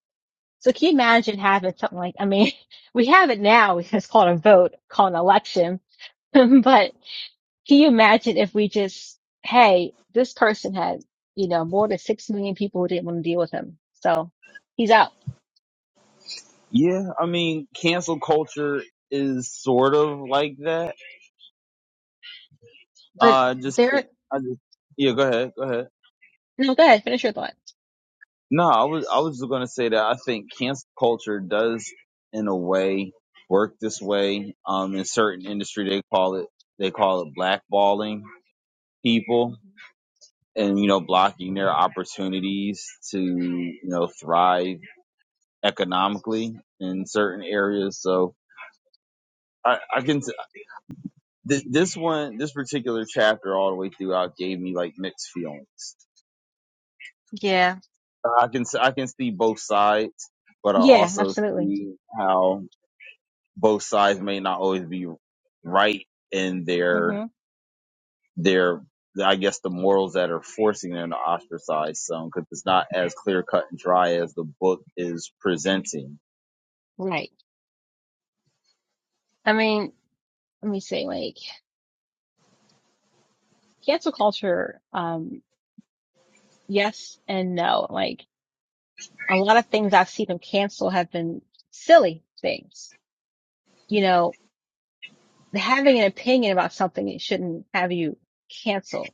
A: So can you imagine having something like, I mean, we have it now. It's called a vote, called an election. but can you imagine if we just, hey, this person had, you know, more than six million people who didn't want to deal with him. So he's out.
B: Yeah, I mean, cancel culture is sort of like that.
A: But
B: Uh, I just
A: there,
B: think, I just, yeah, go ahead, go ahead.
A: no, go ahead, finish your thought.
B: No, I was, I was just gonna say that I think cancel culture does, in a way, work this way. Um, in certain industry, they call it, they call it blackballing people and, you know, blocking their opportunities to, you know, thrive economically in certain areas. So I, I can, Th- this one, this particular chapter, all the way throughout, gave me like mixed feelings.
A: Yeah.
B: I can I can see both sides, but I
A: Yeah,
B: also
A: absolutely.
B: see how both sides may not always be right in their
A: hmm
B: their I guess the morals that are forcing them to ostracize some because it's not as clear cut and dry as the book is presenting.
A: Right. I mean, let me see. cancel culture, um, yes and no. Like a lot of things I've seen them cancel have been silly things. You know, having an opinion about something it shouldn't have you cancel.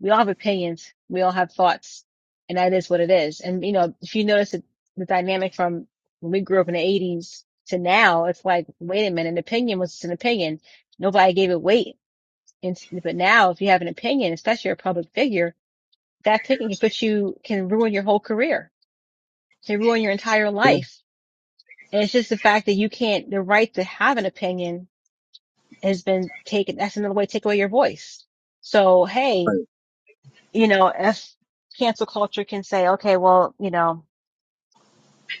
A: We all have opinions. We all have thoughts and that is what it is. And you know, if you notice it, the dynamic from when we grew up in the eighties to now, it's like, wait a minute, an opinion was just an opinion. Nobody gave it weight. And, but now if you have an opinion, especially you're a public figure, that picking can put you can ruin your whole career, can ruin your entire
B: Yeah.
A: life. And it's just the fact that you can't the right to have an opinion has been taken that's another way to take away your voice. So hey,
B: Like,
A: you know, if cancel culture can say, okay, well, you know,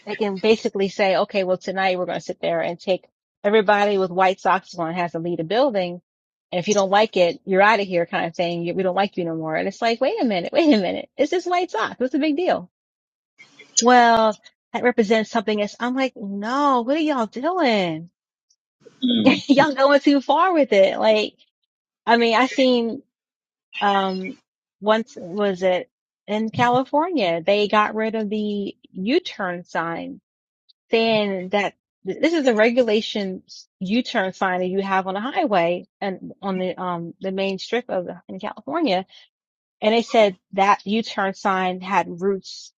A: they can basically say, okay, well tonight we're gonna sit there and take everybody with white socks on has to leave the building. And if you don't like it, you're out of here kind of thing. We don't like you no more. And it's like, wait a minute, wait a minute. It's just white socks. What's the big deal? well, that represents something else. I'm like, no, what are y'all doing?
B: Hmm.
A: y'all going too far with it. Like, I mean, I seen, um, once was it in California, they got rid of the U-turn sign saying that this is a regulation U-turn sign that you have on a highway and on the, um, the main strip of in California And they said that U-turn sign had roots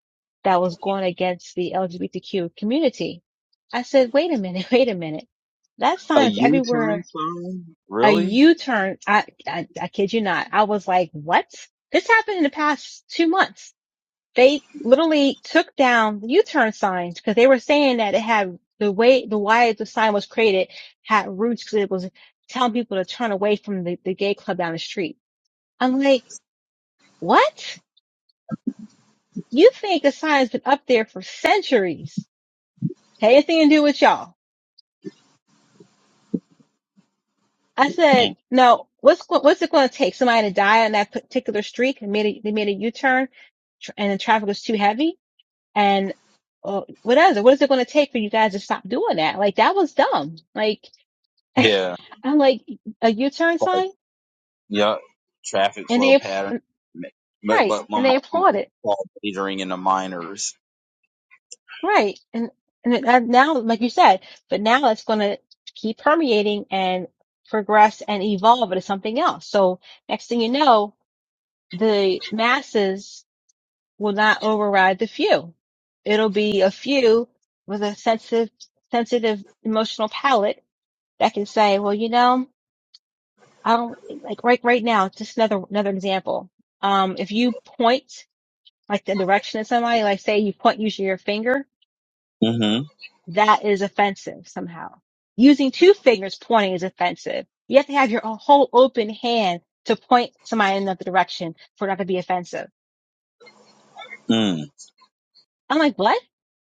A: that was going against the LGBTQ community. I said, wait a minute, wait a minute. That
B: A
A: sign is
B: U turn
A: everywhere.
B: sign?
A: A
B: Really?
A: U-turn. I, I, I kid you not. I was like, what? This happened in the past two months. They literally took down the U-turn signs because they were saying that it had the way, the why the sign was created had roots because it was telling people to turn away from the, the gay club down the street. I'm like, what? you think the sign's been up there for centuries. Had anything to do with y'all. I
B: Mm,
A: said, no, what's, what's it going to take? Somebody to die on that particular street and made a, they made a U-turn and the traffic was too heavy. And uh, what is it? What is it going to take for you guys to stop doing that? Like that was dumb. Like
B: Yeah.
A: I'm like a U-turn sign
B: Yup. Traffic
A: and
B: flow
A: they,
B: pattern. But
A: right.
B: but my
A: And
B: mom
A: they
B: was
A: applauded.
B: called majoring in the minors.
A: Right. And and it- and now, like you said, but now it's going to keep permeating and progress and evolve into something else. So next thing you know, the masses will not override the few. It'll be a few with a sensitive, sensitive emotional palate that can say, well, you know, I don't like right, right now, just another, another example. Um, if you point like the direction at somebody, like say you point using your finger,
B: Mm-hmm.
A: that is offensive somehow. Using two fingers pointing is offensive. You have to have your whole open hand to point somebody in another direction for it not to be offensive.
B: Mm.
A: I'm like, what?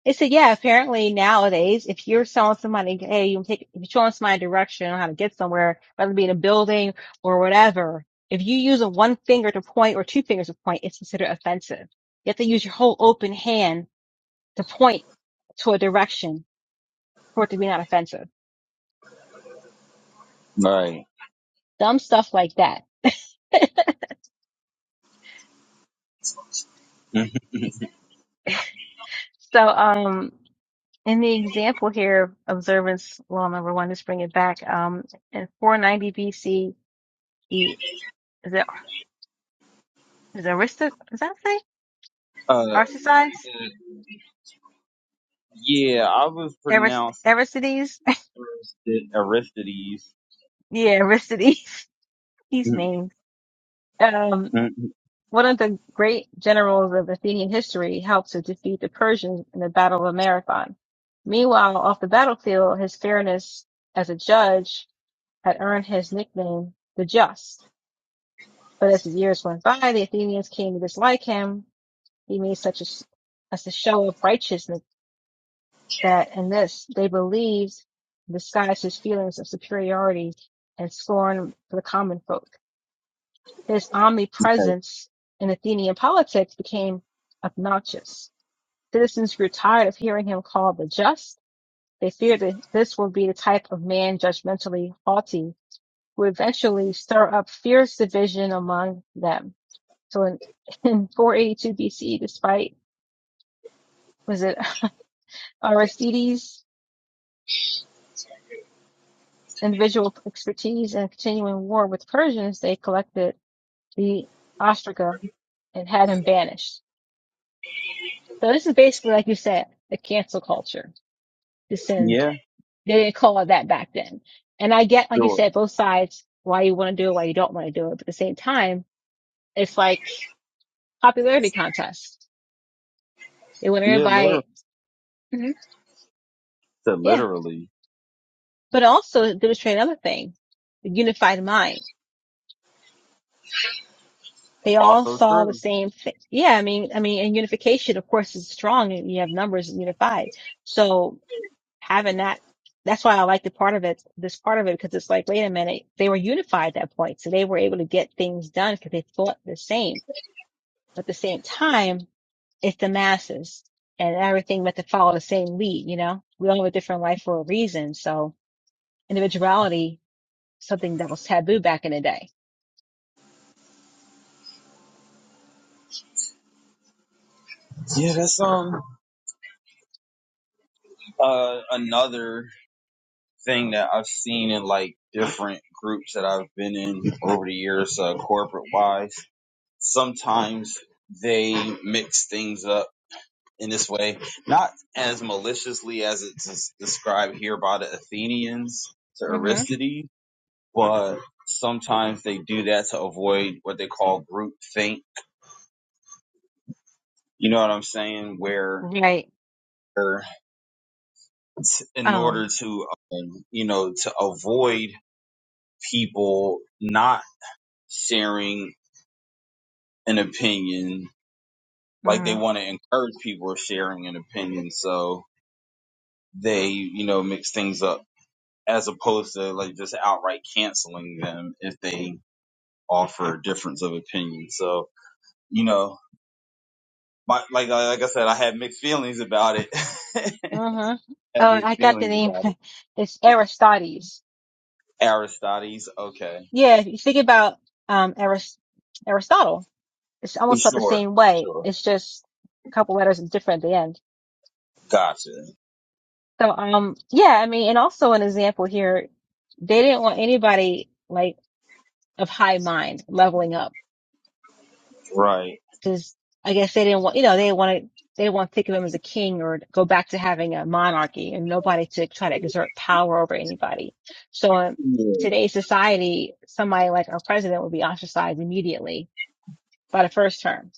A: They said, yeah, apparently nowadays, if you're showing somebody, hey, you take, if you're showing somebody a direction on how to get somewhere, whether it be in a building or whatever, if you use a one finger to point or two fingers to point, it's considered offensive. You have to use your whole open hand to point to a direction for it to be not offensive.
B: Right.
A: Dumb stuff like that
B: Mm.
A: So, um, in the example here, observance law number one, let's bring it back. Um, in 490 BC, the is it is it Arista? Is that say
B: Uh,
A: Arsacides?
B: yeah, I was
A: Arist,
B: pronounced
A: Aristides?
B: Aristid- Aristides.
A: yeah, Aristides. These
B: Mm,
A: names. Um,
B: mm,
A: one of the great generals of Athenian history helped to defeat the Persians in the Battle of Marathon. Meanwhile, off the battlefield, his fairness as a judge had earned his nickname, the Just. But as the years went by, the Athenians came to dislike him. He made such as as a show of righteousness that in this they believed disguised his feelings of superiority and scorn for the common folk. His
B: Okay.
A: omnipresence in Athenian politics became obnoxious. Citizens grew tired of hearing him called the just. They feared that this would be the type of man judgmentally haughty who would eventually stir up fierce division among them. So in, in 482 BC, despite was it Aristides' individual expertise and continuing war with Persians, they collected the ostraca and had him banished. So this is basically, like you said, the cancel culture. This and
B: Yeah,
A: they didn't call it that back then. And I get, like you
B: sure.
A: said, both sides why you want to do it, why you don't want to do it. But at the same time, it's like popularity contest. They want
B: Yeah, literally.
A: everybody. Mhm. Yeah.
B: literally.
A: But also it demonstrate another thing, the unified mind They all
B: Also
A: saw the
B: true.
A: same thing. Yeah, I mean, I mean, and unification, of course, is strong, and you have numbers unified. So having that, that's why I like the part of it, this part of it, because it's like, wait a minute, they were unified at that point, so they were able to get things done because they thought the same. But at the same time, it's the masses, and everything meant to follow the same lead. You know, we all have a different life for a reason. So individuality, something that was taboo back in the day.
B: Yeah, that's um uh another thing that I've seen in like different groups that I've been in over the years, uh, corporate wise. sometimes they mix things up in this way, not as maliciously as it's described here by the Athenians to
A: Mm-hmm.
B: Aristides, but sometimes they do that to avoid what they call group think. You know what I'm saying? Where,
A: Right.
B: where in
A: Oh.
B: order to, um, you know, to avoid people not sharing an opinion, like they want to encourage people sharing an opinion. So they, you know, mix things up as opposed to like just outright canceling them if they offer a difference of opinion. So, you know, my, like, uh, like I said, I had mixed feelings about it. had
A: Mm-hmm. Oh, I
B: mixed
A: got the
B: feelings
A: name.
B: about it.
A: It's Aristodes.
B: Aristodes. Okay.
A: Yeah, if you think about um Aris Aristotle, it's almost felt the
B: Sure.
A: same way.
B: Sure.
A: It's just a couple letters different at the end.
B: Gotcha.
A: So um yeah, I mean, and also an example here, they didn't want anybody like of high mind leveling up.
B: Right.
A: just I guess they didn't want you know they didn't want to they didn't want to think of him as a king or go back to having a monarchy and nobody to try to exert power over anybody. So in
B: Yeah.
A: today's society, somebody like our president would be ostracized immediately by the first term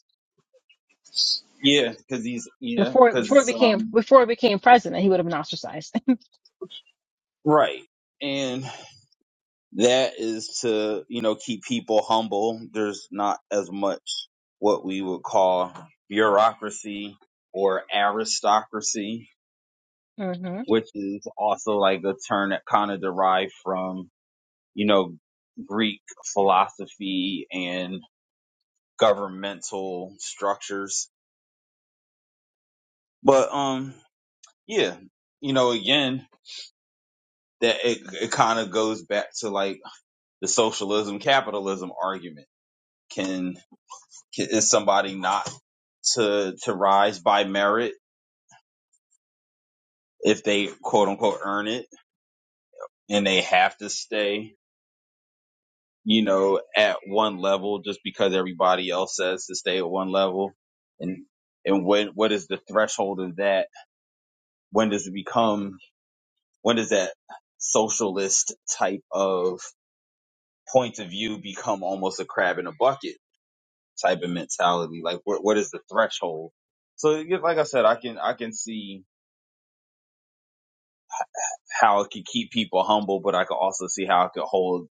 B: Yeah. Cause he's, yeah.
A: Before
B: Cause
A: before it
B: it's,
A: became
B: um,
A: before it became president, he would have been ostracized.
B: right. and. that is to you know keep people humble there's not as much what we would call bureaucracy or aristocracy
A: hmm
B: which is also like a term that kind of derived from you know greek philosophy and governmental structures but um yeah you know again that it, it kind of goes back to like the socialism capitalism argument can Is somebody not to to rise by merit if they quote unquote earn it and they have to stay, you know, at one level just because everybody else says to stay at one level? And and when what is the threshold of that? When does it become when does that socialist type of point of view become almost a crab in a bucket type of mentality? Like what what is the threshold? So yeah, like I said, I can I can see how it could keep people humble, but I could also see how it could hold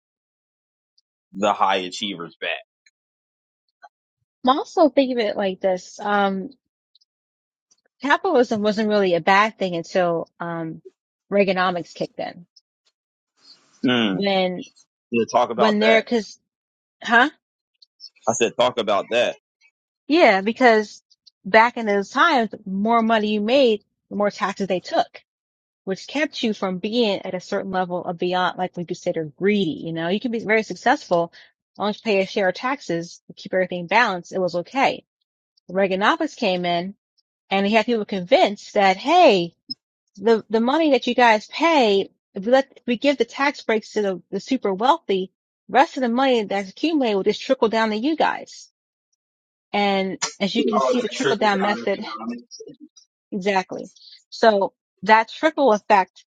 B: the high achievers back.
A: Well, also think of it like this. Um, capitalism wasn't really a bad thing until um Reaganomics kicked in.
B: Mm.
A: When
B: Yeah, talk
A: when
B: about
A: there,
B: that.
A: cause huh?
B: I said, talk about that.
A: Yeah, because back in those times, the more money you made, the more taxes they took, which kept you from being at a certain level of beyond, like we consider greedy. You know, you can be very successful, as long as you pay a share of taxes, you keep everything balanced. It was okay. Reaganomics came in and he had people convinced that, hey, the, the money that you guys pay, if we let, if we give the tax breaks to the, the super wealthy, rest of the money that's accumulated will just trickle down to you guys. And as you can
B: Oh,
A: see, the
B: that
A: trickle
B: trickle
A: down
B: down
A: method
B: economics.
A: Exactly. So that trickle effect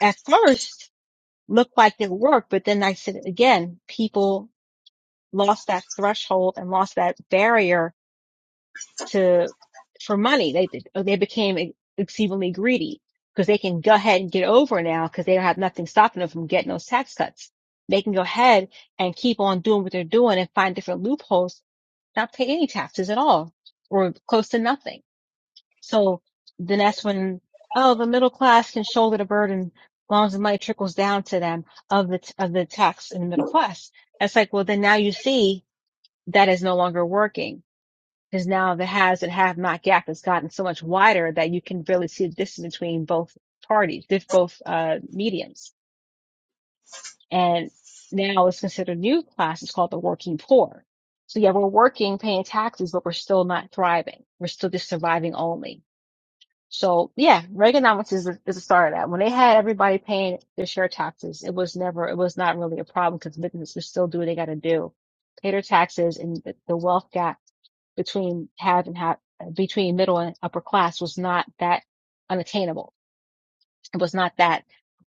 A: at first looked like it worked, but then I said it again, people lost that threshold and lost that barrier to, for money. They, did- oh, they became e- exceedingly greedy because they can go ahead and get over now because they don't have nothing stopping them from getting those tax cuts. They can go ahead and keep on doing what they're doing and find different loopholes, not pay any taxes at all or close to nothing. So then that's when, oh, the middle class can shoulder the burden as long as the money trickles down to them of the, t- of the tax in the middle class. That's like, well, then now you see that is no longer working because now the has and have not gap has gotten so much wider that you can really see the distance between both parties, this- both, uh, mediums. And now it's considered new class. It's called the working poor. So yeah, we're working, paying taxes, but we're still not thriving. We're still just surviving only. So yeah, Reaganomics is the, is the start of that. When they had everybody paying their share taxes, it was never, it was not really a problem because businesses still do what they got to do, pay their taxes, and the, the wealth gap between have and have between middle and upper class was not that unattainable. It was not that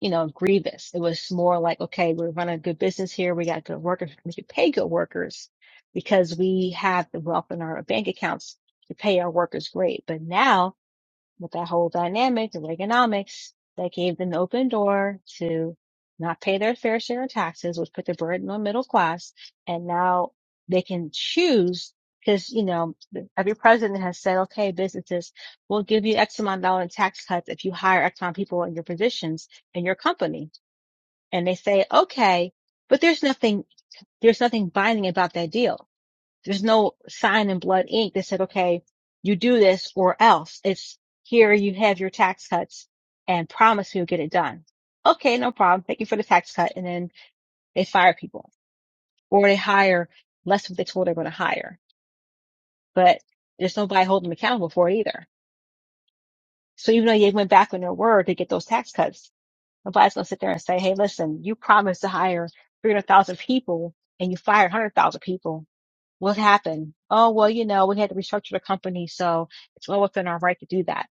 A: you know grievous. It was more like, okay, we're running a good business here. We got good workers. We can pay good workers because we have the wealth in our bank accounts to pay our workers great. But now with that whole dynamic of Reaganomics that gave them the open door to not pay their fair share of taxes, which put the burden on middle class. And now they can choose because, you know, every president has said, okay, businesses, we'll give you X amount of dollar in tax cuts if you hire X amount of people in your positions in your company. And they say, okay, but there's nothing, there's nothing binding about that deal there's no sign in blood ink that said, okay, you do this or else. It's here you have your tax cuts and promise you'll get it done. Okay, no problem. Thank you for the tax cut. And then they fire people or they hire less of what they told they're going to hire, but there's nobody holding them accountable for it either. So even though they went back on their word to get those tax cuts, nobody's going to sit there and say, Hey, listen, you promised to hire 300,000 people and you fired 100,000 people What happened? Oh, well, you know, we had to restructure the company, so it's well within our right to do that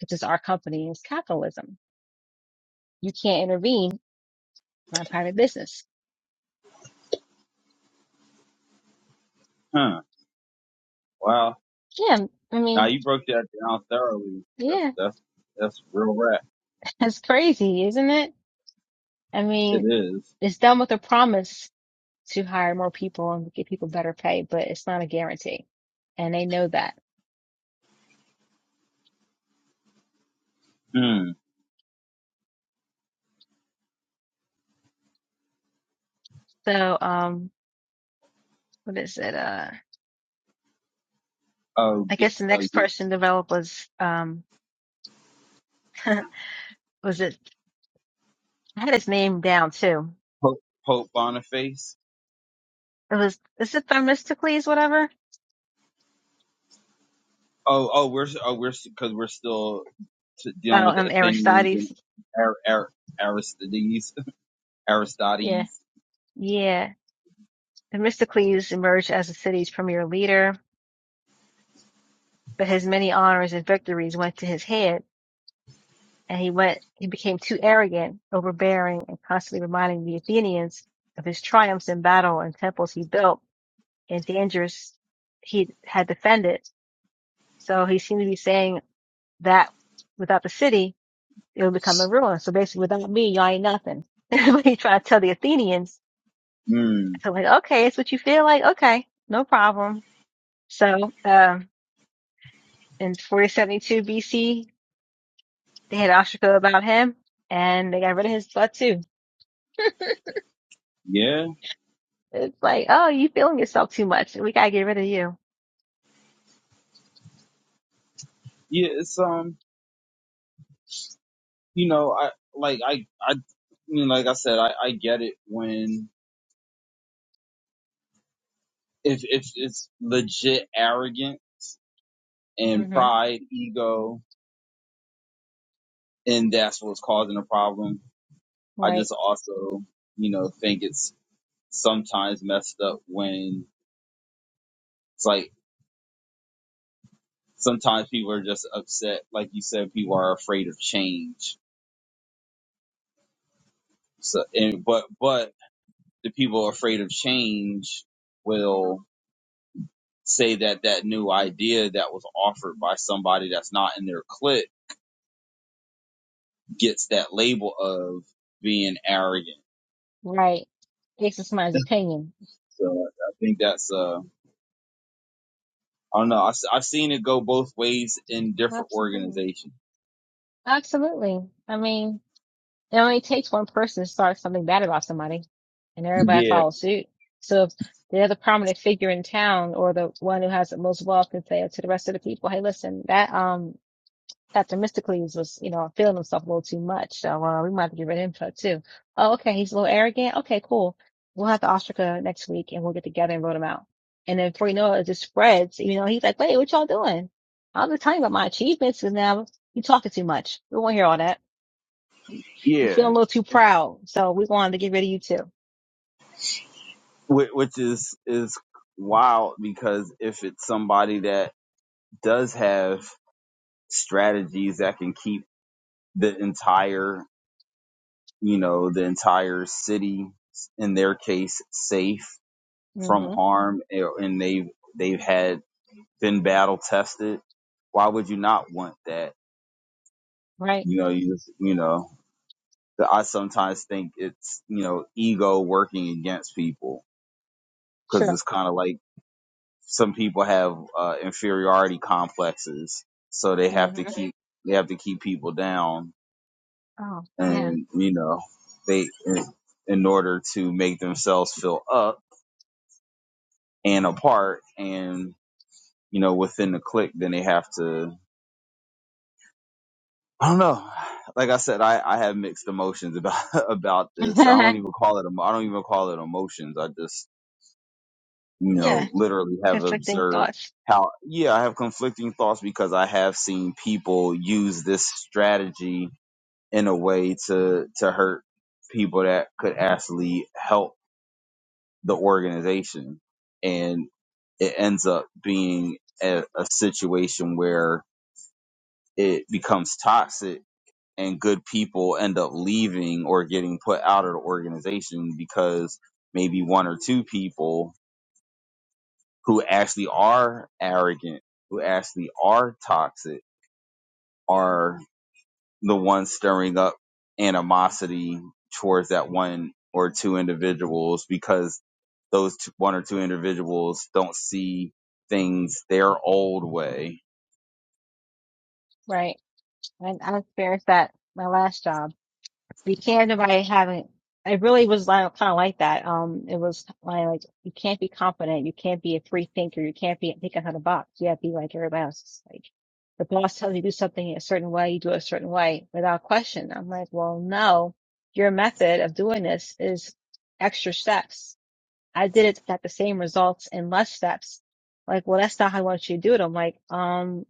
A: because it's our company. It's capitalism. You can't intervene in my private business.
B: Huh. Wow.
A: Yeah, I
B: Now
A: mean,
B: you broke that down thoroughly. That's
A: yeah,
B: that's that's real rap.
A: that's crazy, isn't it? I
B: It
A: mean,
B: is.
A: it's done with a promise to hire more people and give people better pay, but it's not a guarantee, and they know that.
B: Hmm.
A: So, um, what is it? Uh,
B: Oh,
A: I
B: get
A: guess the
B: uh,
A: next
B: your
A: person developed was um, was it? I had his name down too.
B: Pope, Pope Boniface.
A: It was is it Themistocles, whatever?
B: Oh, oh, we're oh we're because we're still t- dealing
A: Oh,
B: with the
A: and
B: Athenians and
A: Aristides.
B: Ar- Ar- Aristides.
A: Yeah.
B: Aristides.
A: Yeah. Themistocles emerged as the city's premier leader, but his many honors and victories went to his head, and he went he became too arrogant, overbearing, and constantly reminding the Athenians of his triumphs in battle and temples he built and dangers he had defended. So he seemed to be saying that without the city, it would become a ruin. So basically without me, y'all ain't nothing. But he tried to tell the Athenians
B: Hmm.
A: So like, okay, it's what you feel like. Okay, no problem. So um, in 472 BC, they had Ashiko about him, and they got rid of his butt too.
B: Yeah.
A: It's like, oh, you feeling yourself too much. We gotta get rid of you.
B: Yeah, it's um, you know, I like I I you know, like I said, I I get it when if if it's legit arrogant and
A: hmm
B: pride, ego, and that's what's causing a problem. I
A: Right,
B: just also, you know, think it's sometimes messed up when it's like sometimes people are just upset, like you said, people are afraid of change. So, and but but the people afraid of change will say that that new idea that was offered by somebody that's not in their clique gets that label of being arrogant.
A: right. This is my opinion.
B: So I think that's uh, I don't know. I've, I've seen it go both ways in different
A: Absolutely.
B: organizations.
A: Absolutely. I mean, It only takes one person to start something bad about somebody, and everybody
B: Yeah,
A: follows suit. So if the other prominent figure in town or the one who has the most wealth can say to the rest of the people, "Hey, listen, that um Dr. Mysticles was, you know, feeling himself a little too much, so uh, we might have to get rid of him for- too." Oh, okay, he's a little arrogant. Okay, cool. We'll have the ostraca next week, and we'll get together and vote him out. And then before you know it, it just spreads. You know, he's like, "Wait, what y'all doing? i was just telling you about my achievements, and now you talking too much. We won't hear all that." You feel a
B: yeah,
A: little too proud. So we wanted to get rid of you too.
B: which is is wild because if it's somebody that does have strategies that can keep the entire you know the entire city in their case safe from
A: hmm
B: harm eh, and they've they've had been battle tested why would you not want that
A: Right.
B: you know you just you know the- i sometimes think it's you know ego working against people because
A: Sure.
B: it's kind of like some people have uh, inferiority complexes so they have
A: hmm
B: to keep they have to keep people down
A: Oh, yeah.
B: and you know they in, in order to make themselves feel up and apart and you know within the clique then they have to I don't know. Like I said, I, I have mixed emotions about about this. I don't even call it. emo- I don't even call it emotions. I just you
A: yeah.
B: know literally have
A: Conflicting
B: observed
A: thoughts.
B: how yeah I have conflicting thoughts because I have seen people use this strategy in a way to to hurt people that could actually help the organization, and it ends up being a, a situation where it becomes toxic and good people end up leaving or getting put out of the organization because maybe one or two people who actually are arrogant, who actually are toxic, are the ones stirring up animosity towards that one or two individuals because those two, one or two individuals don't see things their old way.
A: Right. And I experienced that my last job. You can't by having. have I really was like, kind of like that. Um, it was like, like you can't be confident. You can't be a free thinker. You can't be think out of the box. You have to be like everybody else. It's Like the boss tells you to do something a certain way, you do it a certain way without question. I'm like, well, no, your method of doing this is extra steps. I did it got the same results in less steps. Like, well, that's not how I want you to do it. I'm like, um,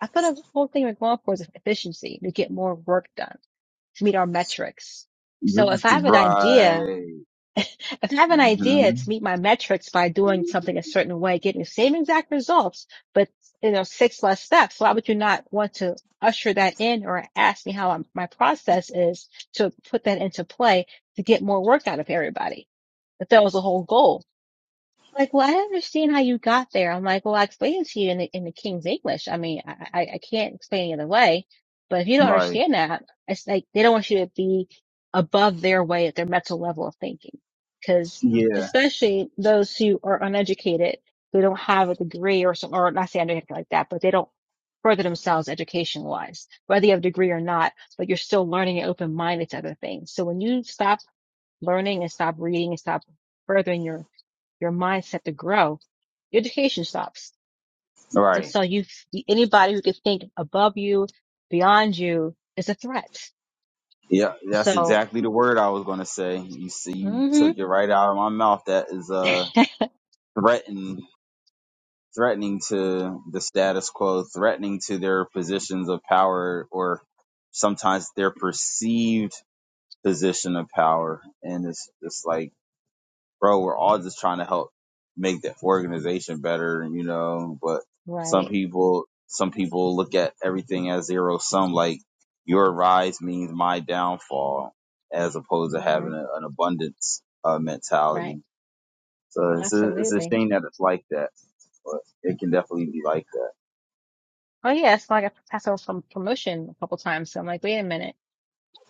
A: I thought the whole thing we're going for is efficiency to get more work done to meet our metrics. So if I have an idea,
B: Right.
A: if I have an idea
B: hmm
A: to meet my metrics by doing something a certain way, getting the same exact results, but you know, six less steps, why would you not want to usher that in or ask me how I'm, my process is to put that into play to get more work out of everybody? If that was the whole goal. Like, well, I don't understand how you got there. I'm like, well, I explained it to you in the, in the King's English. I mean, I, I, I can't explain it any other way. But if you don't
B: Right.
A: understand that, it's like they don't want you to be above their way at their mental level of thinking. Cause
B: Yeah.
A: especially those who are uneducated, who don't have a degree or some, or not say uneducated like that, but they don't further themselves education wise, whether you have a degree or not, but you're still learning and open minded to other things. So when you stop learning and stop reading and stop furthering your your mindset to grow, your education stops. And
B: Right.
A: so you, anybody who can think above you, beyond you is a threat.
B: Yeah, that's
A: So,
B: exactly the word I was gonna say. You see, you
A: hmm
B: took it right out of my mouth. That is uh threatening, threatening to the status quo, threatening to their positions of power, or sometimes their perceived position of power. And it's just like bro, we're all just trying to help make the organization better, you know, but some
A: right.
B: people some people look at everything as zero sum, like your rise means my downfall, as opposed to
A: hmm
B: having a, an abundance uh,
A: right.
B: mentality. So it's a, it's a
A: Absolutely.
B: shame that it's like that, but it can definitely be like that.
A: Oh yeah. It's like I passed over from promotion a couple times. So I'm like, wait a minute.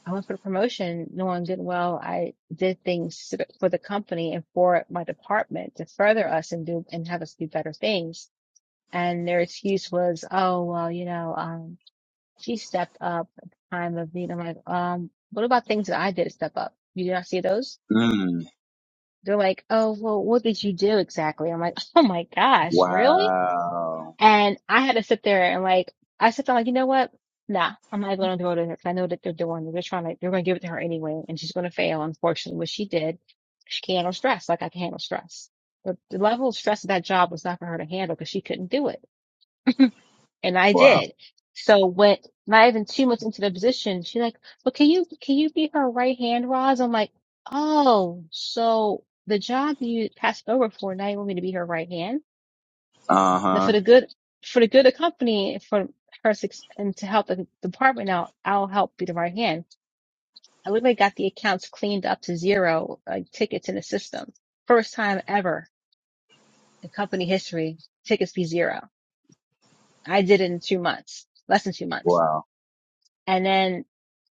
A: I went for the promotion knowing good and well I did things to the- for the company and for my department to further us and do and have us do better things. And their excuse was, oh, well, you know, um, She stepped up at the time of need. I'm like, um, what about things that I did step up? You did not see those?
B: Mm,
A: They're like, oh, well, what did you do exactly? I'm like, oh my gosh, really?
B: wow.
A: And I had to sit there and like, I sit there like, you know what? Nah, I'm not going to go to her because I know that they're doing, they're trying to, they're going to give it to her anyway, and she's going to fail, unfortunately, what she did. She can't handle stress like I can handle stress. But the level of stress of that job was not for her to handle because she couldn't do it. And I
B: Wow.
A: did. So went not even two months into the position, she's like, But can you can you be her right hand, Roz? I'm like, Oh, so the job you passed over for now you want me to be her right hand?
B: Uh
A: Now for
B: huh.
A: the good for the good of the company for her suc- and to help the department out, I'll help be the right hand. I literally got the accounts cleaned up to zero, like tickets in the system. First time ever in company history, tickets be zero. I did it in two months, less than two months.
B: Wow.
A: And then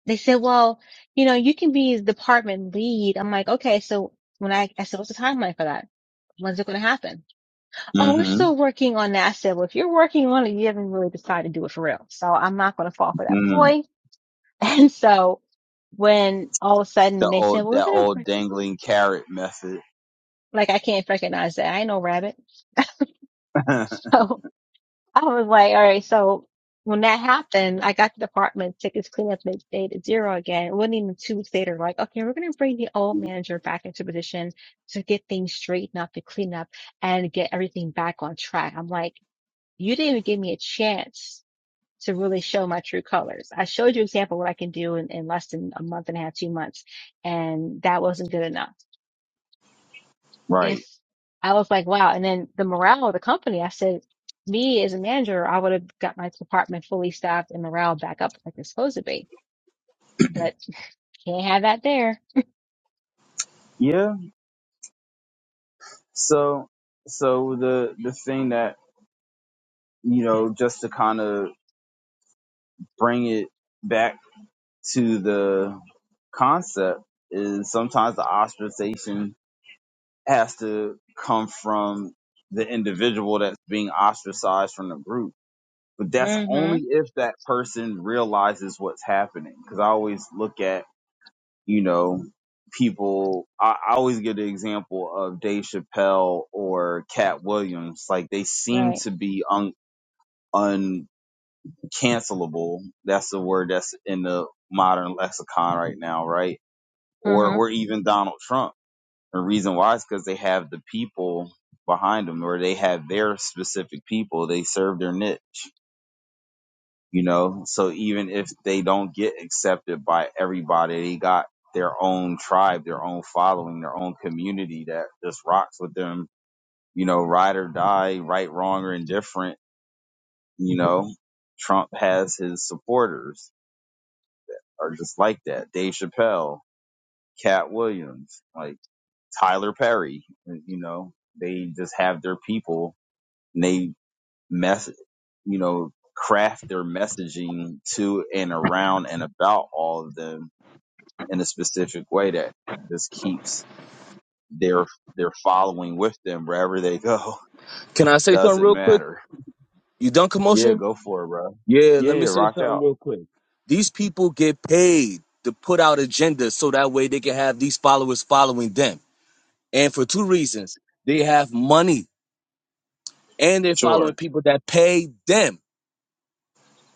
A: they said, well, you know, you can be department lead. I'm like, okay, so when I, I said, what's the timeline for that? When's it going to happen? Oh, we're
B: Mm-hmm.
A: still working on that. I said, well, if you're working on it, you haven't really decided to do it for real. So I'm not going to fall for that
B: Mm.
A: ploy. And so when all of a
B: The
A: sudden they said,
B: old,
A: well, we're
B: that
A: going
B: old
A: to,
B: dangling carrot method.
A: like, I can't recognize that. I ain't no rabbit. So I was like, all right, so when that happened, I got to the apartment, tickets cleaned up and it stayed at zero again. It wasn't even two weeks later, like, okay, we're going to bring the old manager back into position to get things straightened up, to clean up and get everything back on track. I'm like, you didn't even give me a chance to really show my true colors. I showed you an example of what I can do in, in less than a month and a half, two months, and that wasn't good enough
B: right.
A: if I was like, wow. And then the morale of the company, I said, me as a manager, I would have got my department fully staffed and morale back up like it's supposed to be. But you can't have that there.
B: Yeah. So, so the the thing that you know, just to kind of bring it back to the concept, is sometimes the ostracization has to come from the individual that's being ostracized from the group. But that's
A: Mm-hmm.
B: only if that person realizes what's happening. Because I always look at you know people. I, I always give the example of Dave Chappelle or Cat Williams. Like they seem
A: Right.
B: to be un. uncancelable. That's the word that's in the modern lexicon right now, right? Or
A: Uh-huh.
B: or even Donald Trump. The reason why is because they have the people behind them, or they have their specific people. They serve their niche, you know. So even if they don't get accepted by everybody, they got their own tribe, their own following, their own community that just rocks with them, you know, ride or die, right, wrong, or indifferent, you know. Trump has his supporters are just like that. Dave Chappelle, Cat Williams, like Tyler Perry, uh, you know, they just have their people and they mess, you know, craft their messaging to and around and about all of them in a specific way that just keeps their their following with them wherever they go.
D: Can I say something
B: Doesn't
D: real quick?
B: matter.
D: You done
B: Yeah,
D: commotion?
B: go for it, bro.
D: Yeah,
B: Yeah,
D: let me
B: yeah,
D: say
B: rock
D: something
B: out.
D: real quick. These people get paid to put out agendas so that way they can have these followers following them. And for two reasons. They have money and they're following
B: Sure.
D: people that pay them.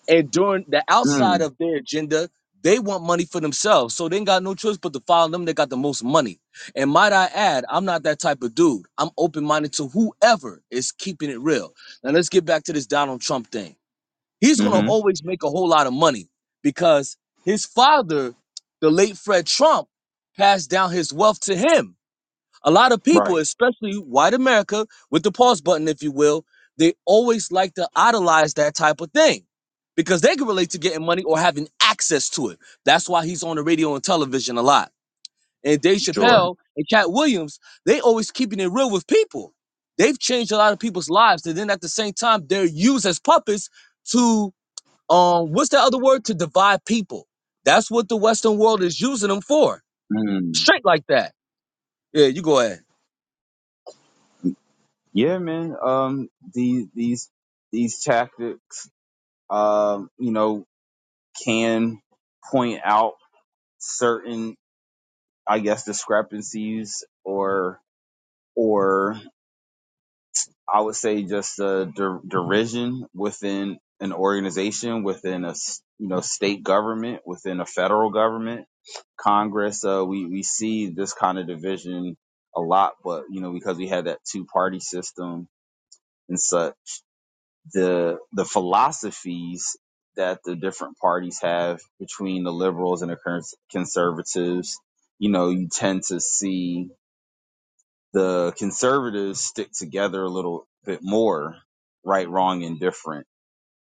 D: And during the outside
B: Mm.
D: of their agenda, they want money for themselves. So they ain't got no choice but to follow them that got the most money. And might I add, I'm not that type of dude. I'm open minded to whoever is keeping it real. Now let's get back to this Donald Trump thing. he's gonna
B: Mm-hmm.
D: always make a whole lot of money because his father, the late Fred Trump, passed down his wealth to him. A lot of people,
B: Right.
D: especially white America, with the pause button, if you will, they always like to idolize that type of thing because they can relate to getting money or having access to it. That's why he's on the radio and television a lot. And Dave
B: Sure.
D: Chappelle and Cat Williams, they always keeping it real with people. They've changed a lot of people's lives, and then at the same time, they're used as puppets to um, what's the other word? To divide people. That's what the Western world is using them for.
B: Mm.
D: Straight like that. Yeah, you go ahead.
B: Yeah, man. Um, these these these tactics, um, you know, can point out certain, I guess, discrepancies or or I would say just a der- derision within an organization, within a s- you know state government, within a federal government, Congress. Uh, we we see this kind of division a lot, but you know because we had that two party system. and such. the the philosophies that the different parties have between the liberals and the conservatives. You know, you tend to see the conservatives stick together a little bit more, right, wrong, and different,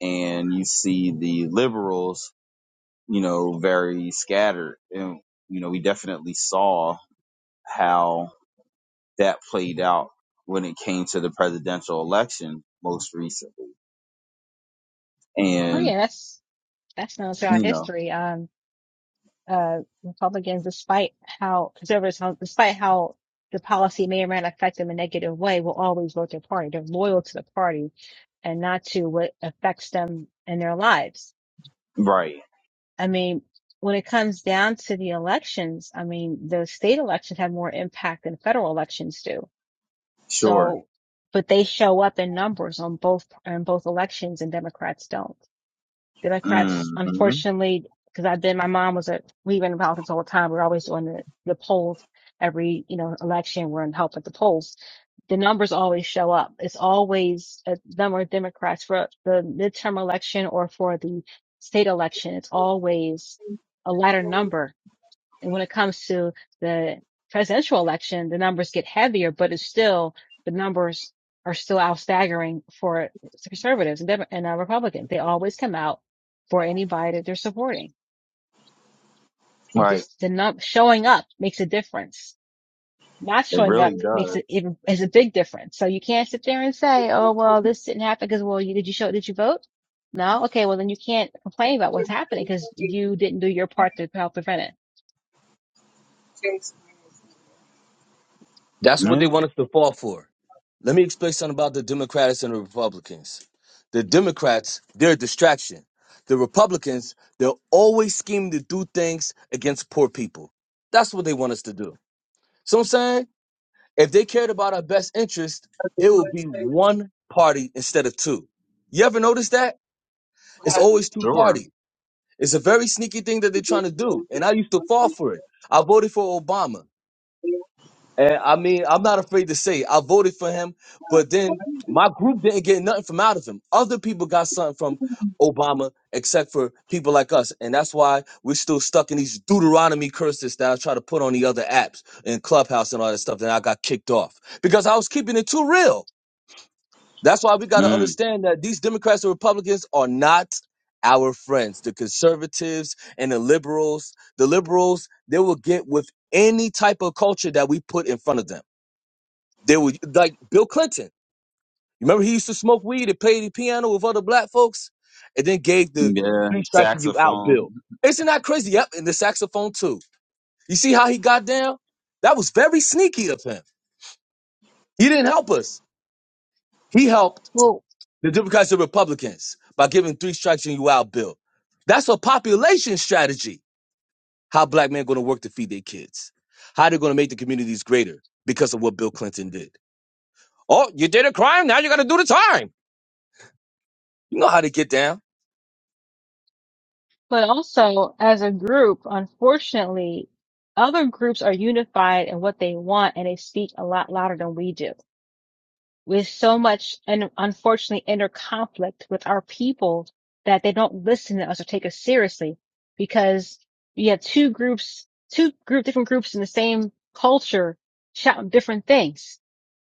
B: and you see the liberals, you know, very scattered. And you know, we definitely saw how that played out when it came to the presidential election most recently,
A: Oh
B: and
A: yeah, that's that's known throughout
B: you know,
A: history. Um uh Republicans, despite how conservatives how despite how the policy may or may not affect them in a negative way, will always vote their party. They're loyal to the party and not to what affects them in their lives
B: right
A: I mean, when it comes down to the elections, I mean, the state elections have more impact than federal elections do.
B: Sure.
A: So, but they show up in numbers on both, on both elections and Democrats don't. Democrats,
B: Mm-hmm.
A: unfortunately, because I've been, my mom was a, we've been in politics all the time. We're always doing the, the polls every, you know, election. We're in help at the polls. The numbers always show up. It's always a number of Democrats for the midterm election or for the state election. It's always a lighter number and when it comes to the presidential election, the numbers get heavier, but it's still the numbers are still out staggering for conservatives and, Dem- and uh, Republicans. They always come out for anybody that they're supporting, and
B: Right.
A: just the num- showing up makes a difference. Not
B: It
A: showing
B: really
A: up makes
B: does.
A: it even is a big difference. So you can't sit there and say, "Oh well, this didn't happen because well, you, did you show? Did you vote? No, okay. Well, then you can't complain about what's happening because you didn't do your part to help prevent it."
D: That's what
B: Yeah.
D: they want us to fall for. Let me explain something about the Democrats and the Republicans. The Democrats, they're a distraction. The Republicans, they're always scheming to do things against poor people. That's what they want us to do. So I'm saying, if they cared about our best interest, it would be one party instead of two. You ever notice that? It's always two
B: Sure.
D: parties. It's a very sneaky thing that they're trying to do, and I used to fall for it. I voted for Obama, and I mean, I'm not afraid to say it. I voted for him, but then my group didn't get nothing from out of him. Other people got something from Obama, except for people like us, and that's why we're still stuck in these Deuteronomy curses that I try to put on the other apps and Clubhouse and all that stuff. That I got kicked off because I was keeping it too real. That's why we got to
B: Mm.
D: understand that these Democrats and Republicans are not our friends. The conservatives and the liberals, the liberals, they will get with any type of culture that we put in front of them. They will, like Bill Clinton. Remember, he used to smoke weed and play the piano with other black folks and then gave the
B: Yeah.
D: three strikes and you out
B: Saxophone.
D: bill. Isn't that crazy? Yep, and the saxophone too. You see how he got down? That was very sneaky of him. He didn't help us. He helped
A: Well,
D: The Democrats are Republicans by giving three strikes and you out bill. That's a population strategy. How black men going to work to feed their kids? How they're going to make the communities greater because of what Bill Clinton did? Oh, you did a crime. Now you got to do the time. You know how to get down.
A: but also as a group, unfortunately, other groups are unified in what they want and they speak a lot louder than we do. With so much and unfortunately inner conflict with our people that they don't listen to us or take us seriously because you have two groups, two group, different groups in the same culture shouting different things.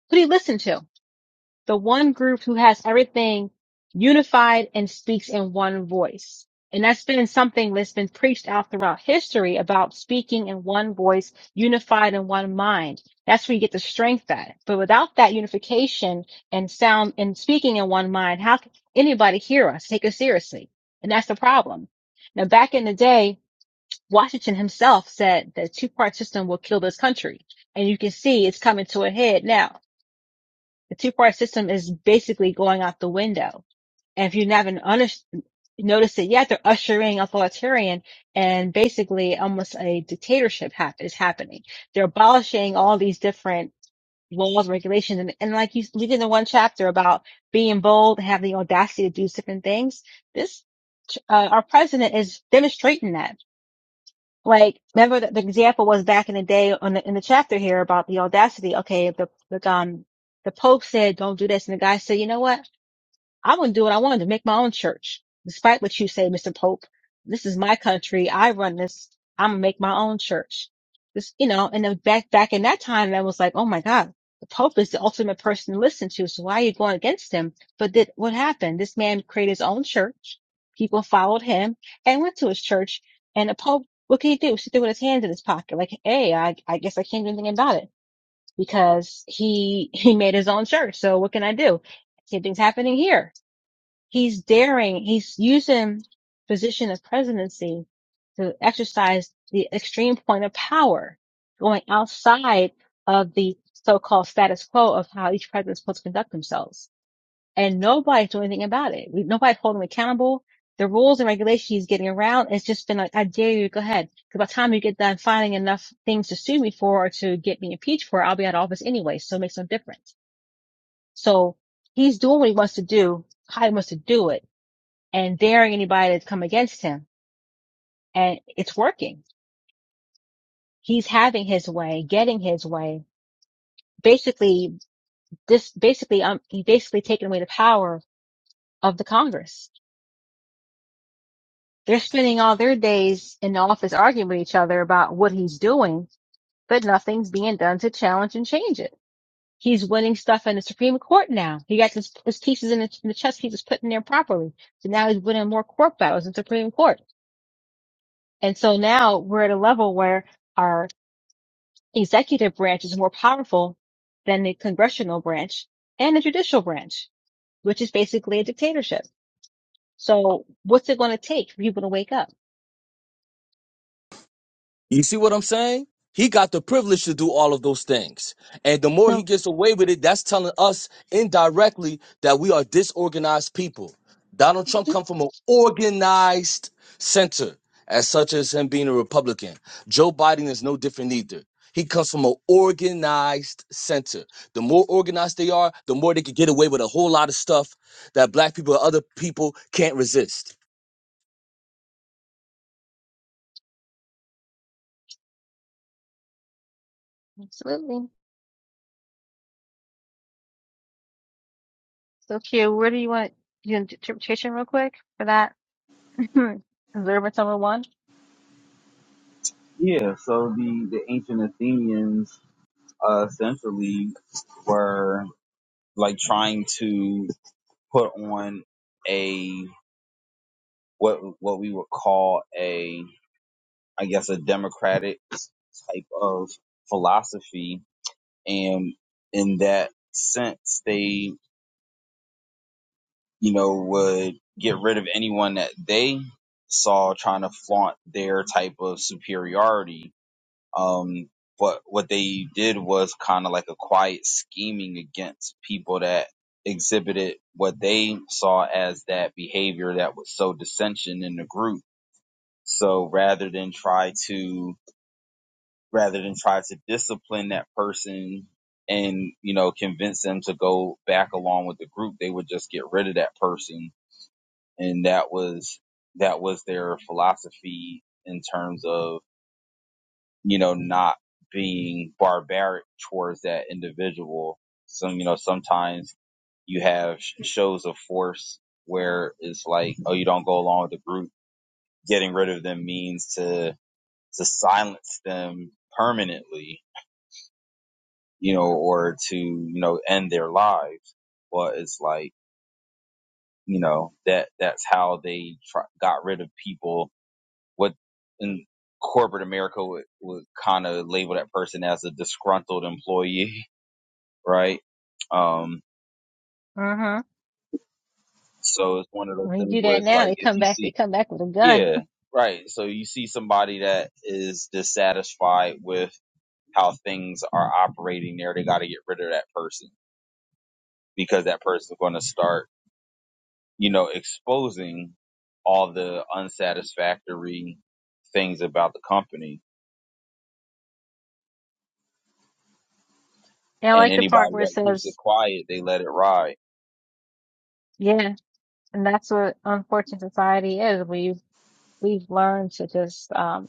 A: Who do you listen to? the one group who has everything unified and speaks in one voice. And that's been something that's been preached out throughout history about speaking in one voice, unified in one mind. That's where you get the strength at. But without that unification and sound and speaking in one mind, how can anybody hear us, take us seriously? And that's the problem. Now, back in the day, Washington himself said the two-part system will kill this country. And you can see it's coming to a head now the two party system is basically going out the window. And if you haven't under- noticed it yet, they're ushering authoritarian and basically almost a dictatorship hap- is happening. They're abolishing all these different laws, regulations, and, and like you we did in the one chapter about being bold, having the audacity to do different things. This, uh, our president is demonstrating that like, remember the, the example was back in the day on the, in the chapter here about the audacity. Okay, the, the, um, the Pope said, don't do this. And the guy said, you know what? I wouldn't do it. I wanted to make my own church. Despite what you say, Mr. Pope, this is my country. I run this. I'm gonna make my own church. This, you know, and then back, back in that time, I was like, oh my God, the Pope is the ultimate person to listen to. So why are you going against him? But did, what happened? This man created his own church. People followed him and went to his church. And the Pope, what can he do? Sit there with his hands in his pocket. Like, hey, I, I guess I can't do anything about it because he, he made his own church. So what can I do? Same thing's happening here he's daring, he's using position of presidency to exercise the extreme point of power, going outside of the so-called status quo of how each president is supposed to conduct themselves. And nobody's doing anything about it. We, nobody's holding him accountable. The rules and regulations he's getting around, it's just been like, I dare you to go ahead. Because by the time you get done finding enough things to sue me for or to get me impeached for, I'll be out of office anyway. So it makes no difference. So he's doing what he wants to do, how he wants to do it and daring anybody to come against him. And it's working. He's having his way, getting his way. Basically, this basically, um, he basically taken away the power of the Congress. They're spending all their days in the office arguing with each other about what he's doing, but nothing's being done to challenge and change it. He's winning stuff in the Supreme Court now. He got his, his pieces in the, in the chess pieces put in there properly. So now he's winning more court battles in the Supreme Court. And so now we're at a level where our executive branch is more powerful than the congressional branch and the judicial branch, which is basically a dictatorship. So what's it going to take for people to wake up?
D: You see what I'm saying? He got the privilege to do all of those things. And the more he
A: So
D: gets away with it, that's telling us indirectly that we are disorganized people. Donald Trump
A: Mhm.
D: come from an organized center, as such as him being a Republican. Joe Biden is no different either. He comes from an organized center. The more organized they are, the more they can get away with a whole lot of stuff that black people or other people can't resist.
A: absolutely. So Q, where do you want your interpretation real quick for that? Observance number one.
B: Yeah. So the the ancient Athenians uh, essentially were like trying to put on a what what we would call a I guess a democratic type of philosophy and in that sense they you know would get rid of anyone that they saw trying to flaunt their type of superiority um but what they did was kind of like a quiet scheming against people that exhibited what they saw as that behavior that was so dissension in the group so rather than try to rather than try to discipline that person and you know convince them to go back along with the group they would just get rid of that person and that was that was their philosophy in terms of you know not being barbaric towards that individual so you know sometimes you have shows of force where it's like oh you don't go along with the group getting rid of them means to to silence them permanently you know, or to, you know, end their lives. But it's like, you know, that that's how they try, got rid of people. What in corporate America would, would kind of label that person as a disgruntled employee, right? Um,
A: Uh huh.
B: so it's one of those
A: When you
B: things
A: do
B: where
A: that
B: it's
A: now,
B: like,
A: they
B: if
A: come
B: you
A: back, they
B: see,
A: come back with a gun.
B: yeah, right. So you see somebody that is dissatisfied with how things are operating there, they got to get rid of that person because that person is going to start you know, exposing all the unsatisfactory things about the company.
A: And I
B: And
A: like the part
B: anybody
A: where it
B: that keeps it
A: says,
B: quiet, they let it ride.
A: yeah, and that's what unfortunate society is. We've, we've learned to just, um,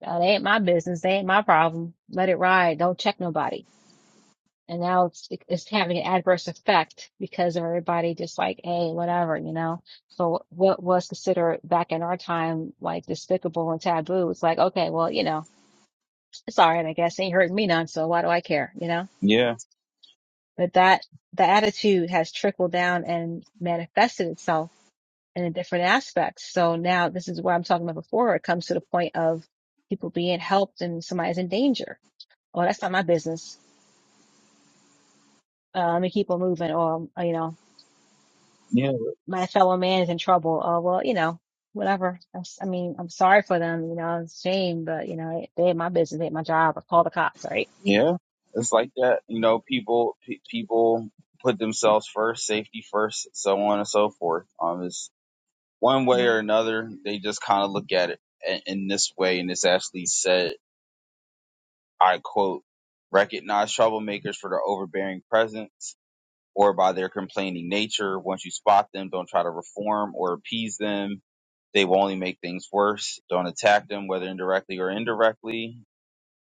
A: Now, they ain't my business. They ain't my problem. Let it ride. Don't check nobody. And now it's it's having an adverse effect because everybody just like, hey, whatever, you know. So what was considered back in our time like despicable and taboo, it's like, okay, well, you know, it's all right, I guess. Ain't hurting me none, so why do I care, you know?
B: Yeah,
A: But that the attitude has trickled down and manifested itself in different aspects. So now this is what I'm talking about before. It comes to the point of people being helped and somebody's in danger oh, that's not my business. Uh, let me keep on moving. Or, you know,
B: yeah,
A: my fellow man is in trouble. Or, well, you know, whatever. I'm, s- I mean, I'm sorry for them. You know, it's a shame, but you know, they had my business, they had my job. I call the cops, right?
B: yeah. It's like that. You know, people pe people put themselves first, safety first, so on and so forth. Um, it's one way or
A: Mhm.
B: another. They just kind of look at it in, in this way, and it's actually said, I quote, recognize troublemakers for their overbearing presence or by their complaining nature. Once you spot them, don't try to reform or appease them. They will only make things worse. Don't attack them, whether indirectly or indirectly.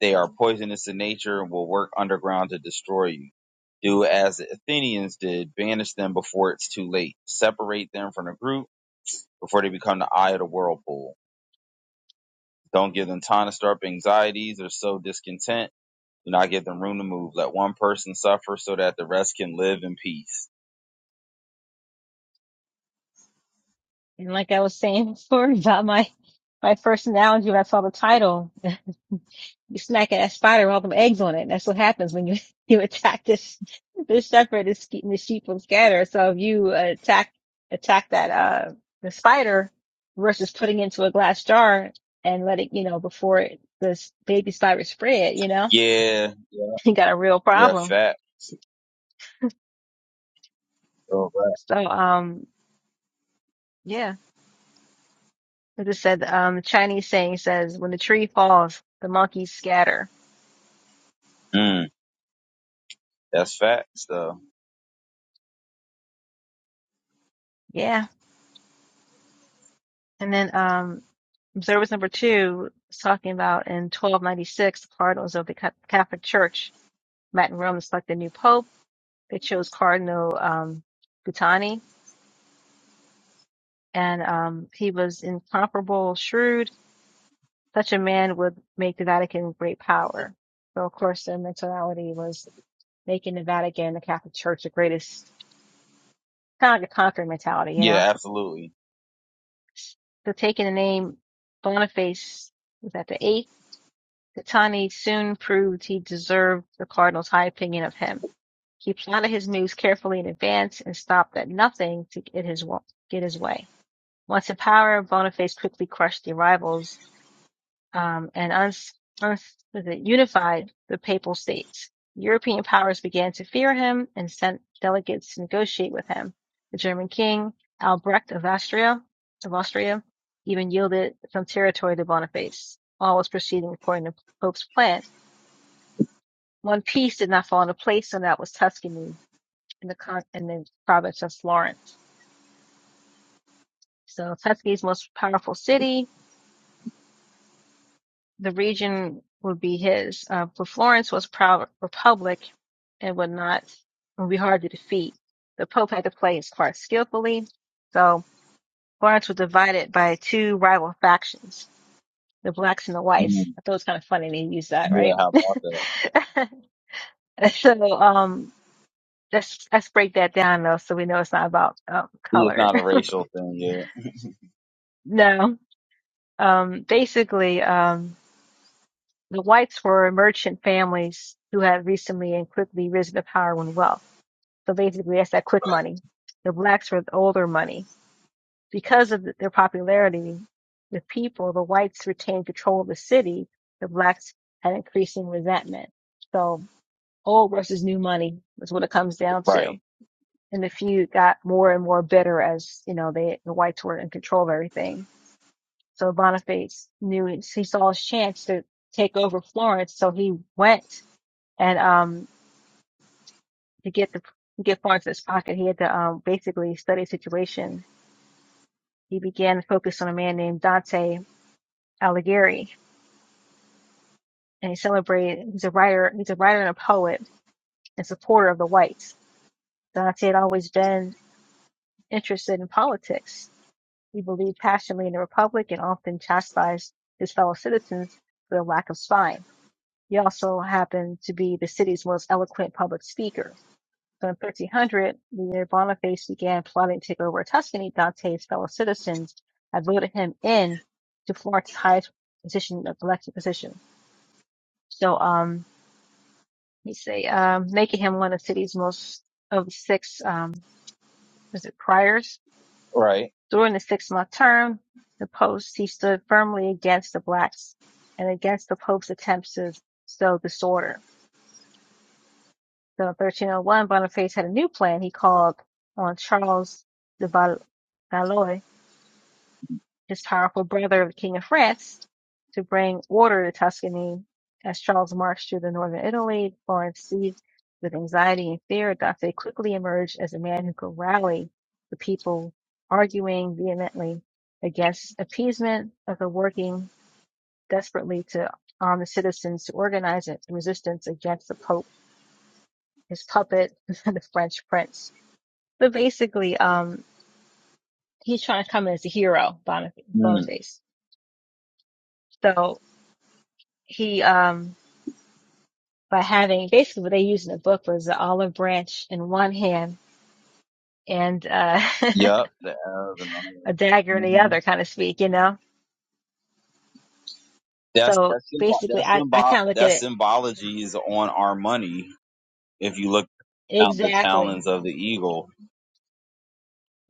B: They are poisonous in nature and will work underground to destroy you. Do as the Athenians did, banish them before it's too late. Separate them from the group before they become the eye of the whirlpool. Don't give them time to stir up anxieties or sow discontent. Do not give them room to move. Let one person suffer so that the rest can live in peace.
A: And like I was saying before about my, my first analogy when I saw the title, you smack at that spider with all them eggs on it. That's what happens when you you attack this this shepherd this keeping the sheep from scatter. So if you uh, attack attack that uh the spider versus putting into a glass jar and let it you know before it, this baby spider spread, you know
B: Yeah, yeah.
A: you got a real
B: Yeah,
A: problem.
B: fact. Oh, right.
A: So um yeah, as I said, um the Chinese saying says when the tree falls, the monkeys scatter.
B: Mm, that's facts, though.
A: Yeah. And then um, observance number two is talking about in 1296, the cardinals of the Ca- Catholic Church met in Rome to select a new pope. They chose Cardinal um, Guttani, and um, he was incomparable, shrewd. Such a man would make the Vatican a great power. So, of course, their mentality was making the Vatican, the Catholic Church, the greatest, kind of like a conquering mentality, you know?
B: Yeah, absolutely.
A: So, taking the name Boniface, was that the eighth? Gattani soon proved he deserved the cardinal's high opinion of him. He plotted his moves carefully in advance and stopped at nothing to get his get his way. Once in power, Boniface quickly crushed the rivals um, and uns- uns- unified the papal states. European powers began to fear him and sent delegates to negotiate with him. The German king Albrecht of Austria, of Austria, even yielded some territory to Boniface. All was proceeding according to Pope's plan. One piece did not fall into place, and that was Tuscany in the con- in the province of Florence. So Tuscany's most powerful city, the region would be his. Uh, but Florence was a proud republic and would not would be hard to defeat. The Pope had to play his part skillfully. So Florence was divided by two rival factions, the blacks and the whites.
B: Mm,
A: I thought it was kind of funny they used that,
B: yeah,
A: right?
B: how about that?
A: so um let's let's break that down though, so we know it's not about um,
B: See, It's
A: color.
B: not a racial thing. Yeah,
A: No, um, basically, um, the whites were merchant families who had recently and quickly risen to power and wealth. So basically, that's that quick money. The blacks were the older money. Because of their popularity with people, the whites retained control of the city. The blacks had increasing resentment. So old versus new money is what it comes down to
B: right,
A: and the few got more and more bitter as you know they the whites were in control of everything. So Boniface knew he saw his chance to take over Florence, so he went and um to get the to get Florence in his pocket, he had to um basically study the situation. He began to focus on a man named Dante Alighieri, and he celebrated. He's a writer. He's a writer and a poet and supporter of the whites. Dante had always been interested in politics He believed passionately in the Republic and often chastised his fellow citizens for their lack of spine. He also happened to be the city's most eloquent public speaker. So in 1300, when Boniface began plotting to take over Tuscany, Dante's fellow citizens had voted him in to Florence's highest position, of elected position. So, um, let me say, um, making him one of the city's most, of six, um, was it priors?
B: right.
A: During the six-month term, the post he stood firmly against the blacks and against the Pope's attempts to sow disorder. So in 1301, Boniface had a new plan he called on Charles de Valois his powerful brother, the King of France, to bring order to Tuscany. As Charles marched through the northern Italy, Florence seized with anxiety and fear. Dante quickly emerged as a man who could rally the people, arguing vehemently against appeasement, but working desperately to arm the citizens to organize a resistance against the Pope, his puppet, the French prince. But basically, um, he's trying to come in as a hero, Bonif-
B: Mm,
A: Boniface. So he, um, by having basically what they used in the book was the olive branch in one hand and uh,
B: yep. The Arabs and all that.
A: a dagger in the
B: Mhm.
A: other, kind of speak, you know?
B: That's
A: So
B: that's symbo-
A: basically,
B: that's
A: I, I
B: symbol
A: kind of look at
B: that
A: it
B: symbology is on our money. If you look out the
A: exactly.
B: talons of the eagle,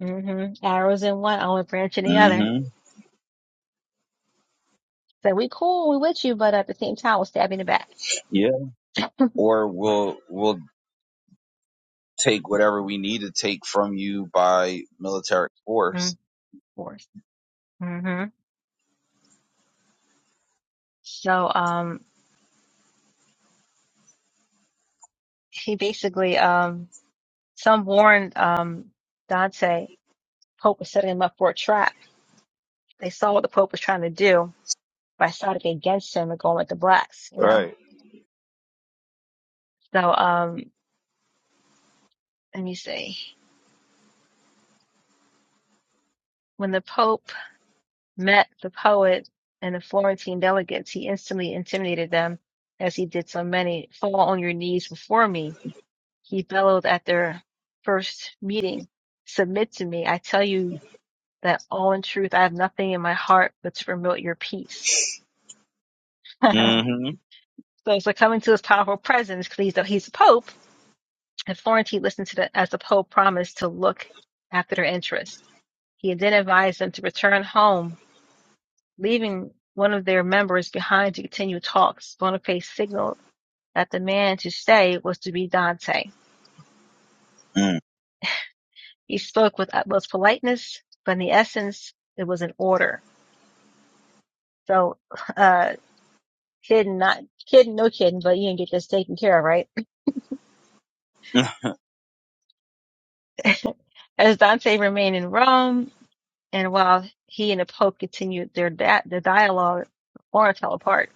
A: hmm Arrows in one, olive branch in the other.
B: hmm
A: So we cool, we with you, but at the same time, we'll stab you in the back.
B: yeah, or we'll we'll take whatever we need to take from you by military force.
A: Mm, force. hmm So um, he basically, um, some warned um, Dante, Pope was setting him up for a trap. They saw what the Pope was trying to do by starting against him and going with the blacks, you know?
B: Right.
A: So, um, let me see. When the Pope met the poet and the Florentine delegates, he instantly intimidated them as he did so many. Fall on your knees before me. He bellowed at their first meeting. Submit to me. I tell you that all in truth, I have nothing in my heart but to promote your peace. so
B: Mm-hmm.
A: it's like coming to his powerful presence because he's the, he's the Pope and Florentine listened to the, as the Pope promised to look after their interests. He then advised them to return home, leaving one of their members behind to continue talks. Boniface signaled that the man to stay was to be Dante.
B: Mm,
A: He spoke with utmost politeness, but in the essence, it was an order. So, uh, kidding, not kidding, no kidding, but you didn't get this taken care of, right? As Dante remained in Rome, and while he and the Pope continued their, di- their dialogue, Florence fell apart.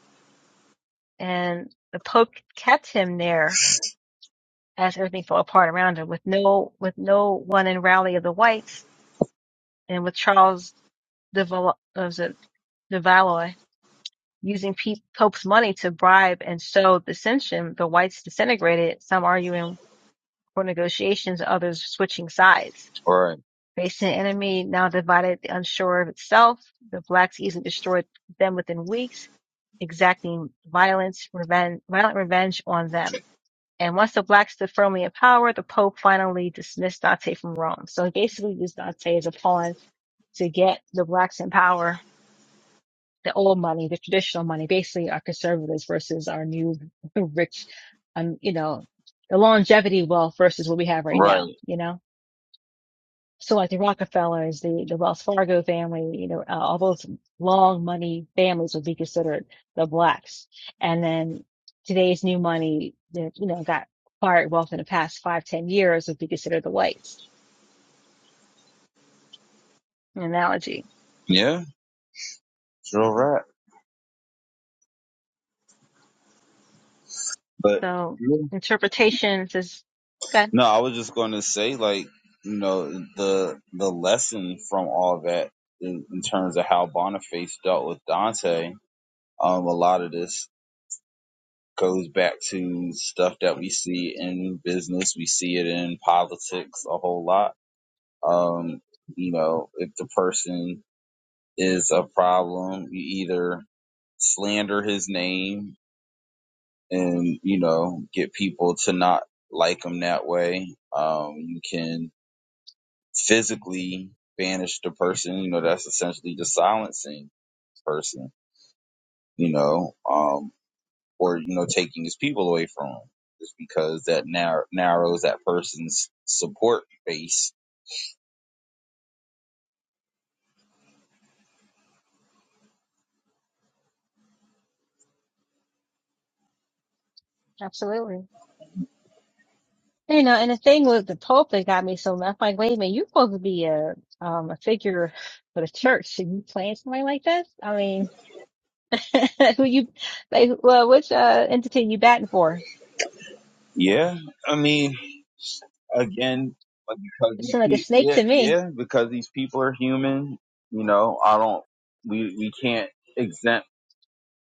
A: and the Pope kept him there as everything fell apart around him, with no with no one in rally of the whites, and with Charles de Val- uh, was it de Valois using Pe- Pope's money to bribe and sow dissension. The whites disintegrated, some arguing for negotiations, others switching sides.
B: All right.
A: Facing an enemy now divided, the unsure of itself, the blacks easily destroyed them within weeks, exacting violence, reven- violent revenge on them And once the blacks stood firmly in power, the Pope finally dismissed Dante from Rome. So he basically used Dante as a pawn to get the blacks in power, the old money, the traditional money, basically our conservatives versus our new rich, um, you know, the longevity wealth versus what we have right
B: Right.
A: now, you know? So like the Rockefellers, the, the Wells Fargo family, you know, uh, all those long money families would be considered the blacks. And then today's new money that, you know, got acquired wealth in the past five, ten years would be considered the whites an analogy.
B: Yeah, sure right. But
A: So
B: yeah.
A: interpretations is good.
B: no, I was just going to say, like, you know, the the lesson from all that in, in terms of how Boniface dealt with Dante, um, a lot of this goes back to stuff that we see in business. We see it in politics a whole lot. Um, you know, if the person is a problem, you either slander his name and you know get people to not like them that way um you can physically banish the person you know that's essentially just silencing the person you know um or you know taking his people away from him just because that narrow, narrows that person's support base
A: Absolutely. You know, and the thing with the Pope that got me so I'm like, wait a minute, you're supposed to be a, um, a figure for the church and you playing somebody like this? I mean, Who you like? Well, which uh, entity you batting for?
B: yeah i mean again because
A: It
B: these
A: seemed like a
B: people
A: snake
B: yeah
A: to me.
B: yeah because these people are human you know i don't we we can't exempt.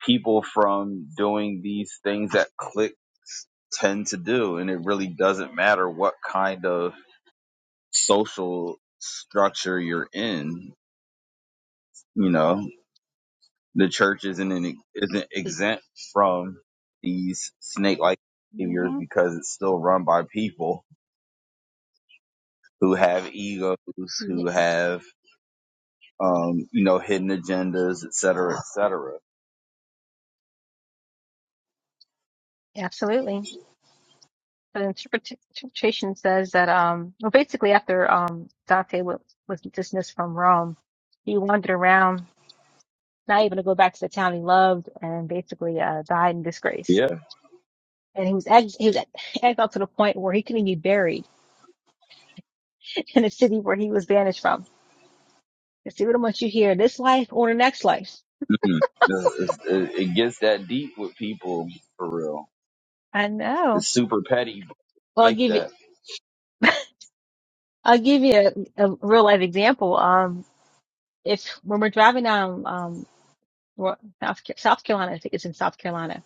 B: people from doing these things that cliques tend to do. And it really doesn't matter what kind of social structure you're in. You know, the church isn't an, isn't exempt from these snake-like behaviors
A: hmm
B: because it's still run by people who have egos, who have um, you know, hidden agendas, et cetera, et cetera.
A: Absolutely. The interpret- interpretation says that um, well, basically after um Dante was, was dismissed from Rome, he wandered around, not able to go back to the town he loved, and basically uh died in disgrace.
B: Yeah,
A: And he was ex- he was ex- exiled to the point where he couldn't be buried in the city where he was banished from. It's see what I want you hear, this life or the next life.
B: Mhm. it, it it gets that deep with people for real.
A: I know.
B: It's super petty but
A: Well,
B: I
A: I'll
B: like
A: give you.
B: that.
A: I'll give you a, a real life example. Um, if when we're driving down, um, Ro- South, Ca- South Carolina, I think it's in South Carolina.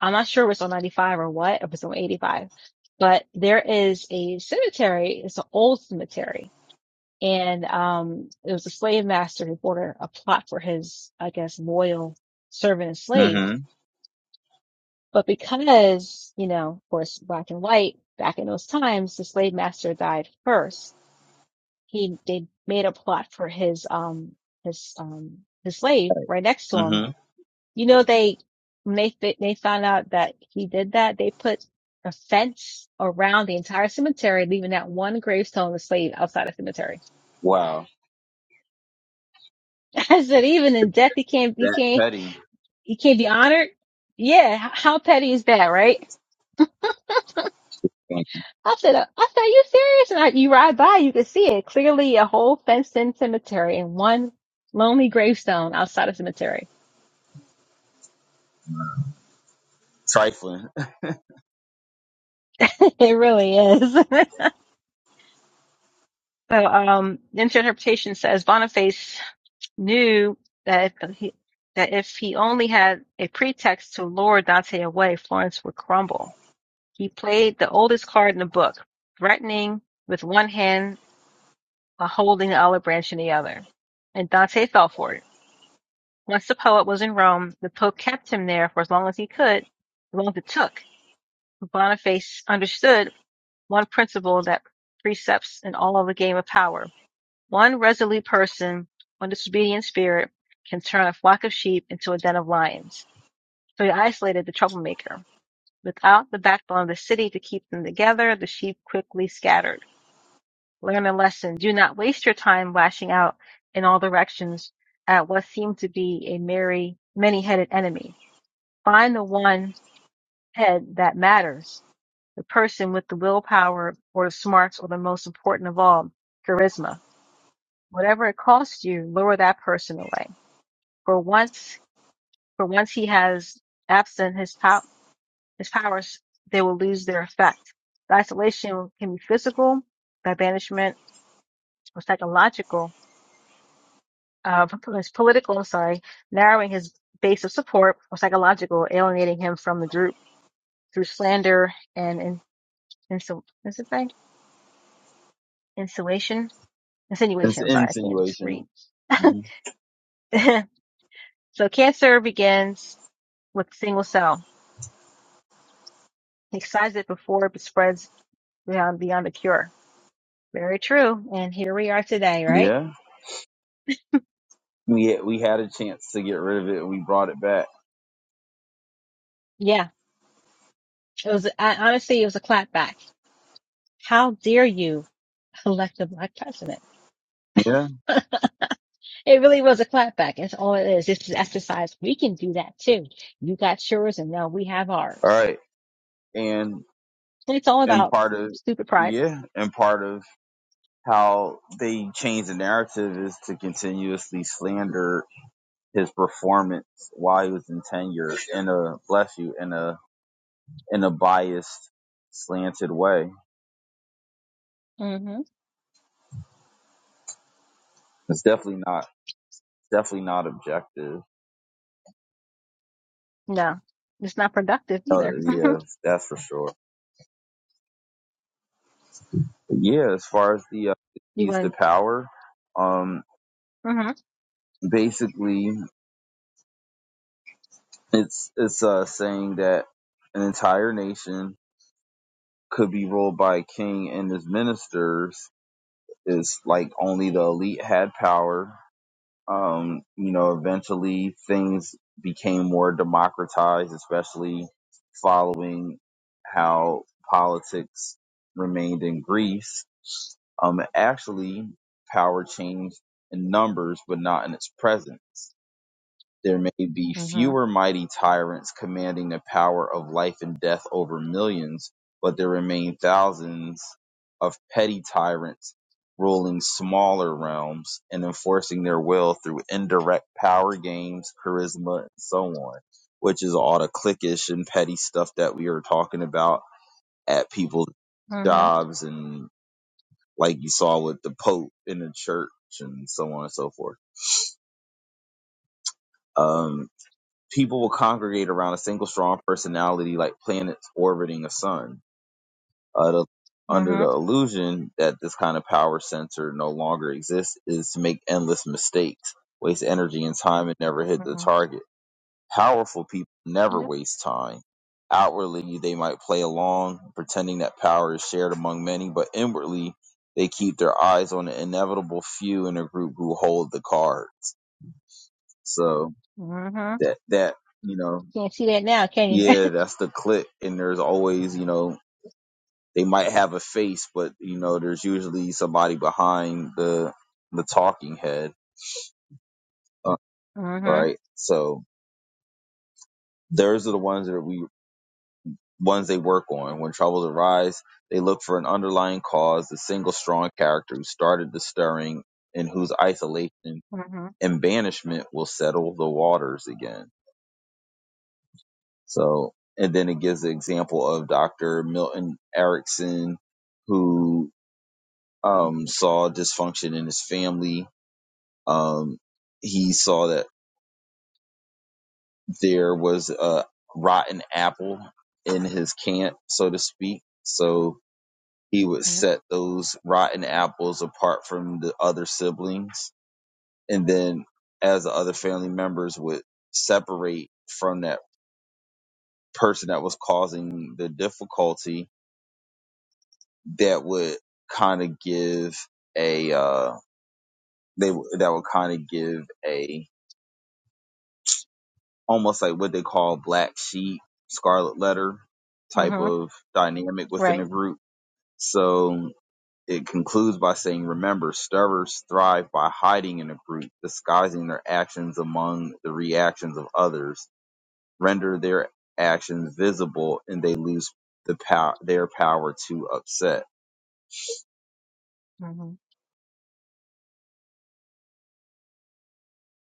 A: I'm not sure if it's on 95 or what, if it's on 85, but there is a cemetery. It's an old cemetery. And, um, it was a slave master who ordered a plot for his, I guess, loyal servant and slave.
B: Mm-hmm.
A: But because, you know, of course, black and white back in those times, the slave master died first. he they made a plot for his um his um his slave right next to him.
B: Mm-hmm.
A: You know they when they they found out that he did that, they put a fence around the entire cemetery, leaving that one gravestone of the slave outside the cemetery.
B: Wow.
A: I said, even in
B: It's
A: death, he can't he
B: that
A: can't
B: petty.
A: he can't be honored. Yeah, h- how petty is that, right?
B: Thank you.
A: I said, uh, I said, are you serious? And I, you ride by, you can see it clearly, a whole fenced-in cemetery and one lonely gravestone outside a cemetery.
B: Trifling.
A: It really is. so, um, into interpretation says Boniface knew that if he, that if he only had a pretext to lure Dante away, Florence would crumble. He played the oldest card in the book, threatening with one hand while holding the olive branch in the other. And Dante fell for it. Once the poet was in Rome, the Pope kept him there for as long as he could, as long as it took. Boniface understood one principle that precepts in all of the game of power. One resolute person, one disobedient spirit, can turn a flock of sheep into a den of lions. So he isolated the troublemaker. Without the backbone of the city to keep them together, the sheep quickly scattered. Learn a lesson. Do not waste your time lashing out in all directions at what seemed to be a merry, many-headed enemy. Find the one head that matters, the person with the willpower or the smarts or the most important of all, charisma. Whatever it costs you, lure that person away. For once, for once he has absent his pow- his powers, they will lose their effect. The isolation can be physical, by banishment, or psychological. Uh, it's political. I'm sorry, narrowing his base of support, or psychological, alienating him from the group through slander and in, insu- is it thing Insulation,
B: It's
A: insinuation. I'm
B: an
A: sorry, I can't just
B: insinuation.
A: read.
B: hmm
A: so cancer begins with single cell. He excises it before it spreads beyond beyond the cure. Very true. And here we are today, right?
B: Yeah. We we had a chance to get rid of it and we brought it back.
A: Yeah. It was, I, honestly, it was a clapback. How dare you elect a black president?
B: Yeah.
A: It really was a clapback. That's all it is. This is exercise. We can do that too. You got yours and now we have
B: All
A: ours.
B: right. And
A: And it's all
B: and
A: about
B: part of
A: stupid pride.
B: yeah, and part of how they change the narrative is to continuously slander his performance while he was in tenure in a bless you in a in a biased slanted way.
A: hmm
B: It's definitely not definitely not objective.
A: No, it's not productive
B: Uh,
A: either.
B: yeah, that's for sure. But yeah, as far as the uh,
A: you
B: keys to
A: want,
B: power, um,
A: mhm.
B: basically it's it's uh, saying that an entire nation could be ruled by a king and his ministers is like only the elite had power. Um, you know, eventually things became more democratized, especially following how politics remained in Greece Um, actually, power changed in numbers, but not in its presence. There may be
A: Mhm.
B: fewer mighty tyrants commanding the power of life and death over millions, but there remain thousands of petty tyrants ruling smaller realms and enforcing their will through indirect power games, charisma, and so on, which is all the cliquish and petty stuff that we are talking about at people's
A: Mhm.
B: jobs and like you saw with the Pope in the church and so on and so forth. Um, people will congregate around a single strong personality like planets orbiting a sun. Uh, the, under the
A: Mhm.
B: illusion that this kind of power center no longer exists is to make endless mistakes, waste energy and time, and never hit the
A: Mhm.
B: target. Powerful people never
A: Yep.
B: waste time. Outwardly, they might play along, pretending that power is shared among many, but inwardly, they keep their eyes on the inevitable few in a group who hold the card. So
A: Mhm.
B: that that you know,
A: Can't see that now, can you?
B: yeah, that's the clique. And there's always you know they might have a face, but you know there's usually somebody behind the the talking head, uh,
A: Mhm.
B: right? So those are the ones that we ones they work on. When troubles arise, they look for an underlying cause, the single strong character who started the stirring and whose isolation
A: Mhm.
B: and banishment will settle the waters again. So, and then it gives the example of Dr. Milton Erickson, who um, saw dysfunction in his family. Um, he saw that there was a rotten apple in his camp, so to speak. So, he would
A: Mhm.
B: set those rotten apples apart from the other siblings and then as the other family members would separate from that person that was causing the difficulty that would kind of give a uh they w- that would kind of give a almost like what they call black sheep scarlet letter type
A: Mhm.
B: of dynamic within the
A: Right.
B: group so It concludes by saying, Remember, stirrers thrive by hiding in a group, disguising their actions among the reactions of others, render their actions visible, and they lose the pow- their power to upset.
A: Mhm.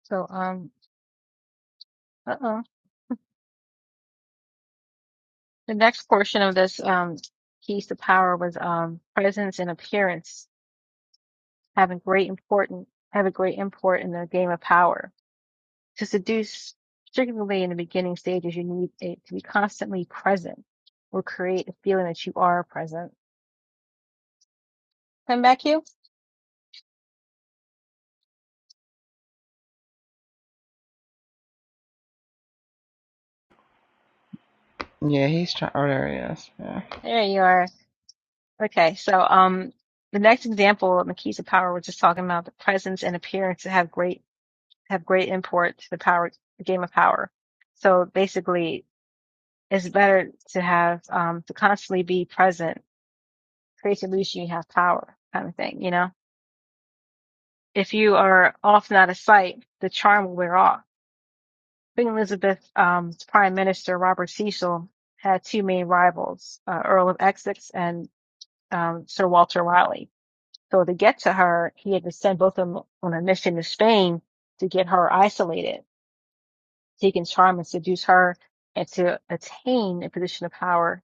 A: So, um, uh-oh. The next portion of this, um, keys to power was, um, presence and appearance having great important, have a great import in the game of power. To seduce, particularly in the beginning stages, you need it to be constantly present or create a feeling that you are present. Come back you.
C: yeah, he's trying. Oh, there he is. Yeah.
A: There you are. Okay, so um, the next example of the keys of power, we're just talking about the presence and appearance that have great have great import to the power the game of power. So basically, it's better to have um, to constantly be present, creates the illusion you have power, kind of thing. You know, if you are often out of sight, the charm will wear off. Queen Elizabeth's um, Prime Minister Robert Cecil had two main rivals, uh, Earl of Essex and um, Sir Walter Raleigh So to get to her, he had to send both of them on a mission to Spain to get her isolated, so he can charm and seduce her and to attain a position of power.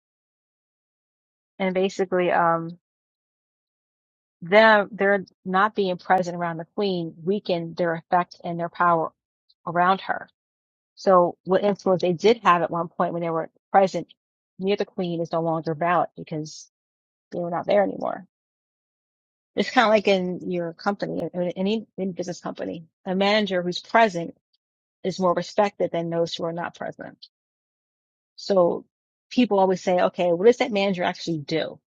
A: And basically, um, them they're not being present around the queen weakened their effect and their power around her. So what influence they did have at one point when they were present near the queen is no longer valid because they were not there anymore. It's kind of like in your company, in any in business company, a manager who's present is more respected than those who are not present. So people always say, okay, what does that manager actually do?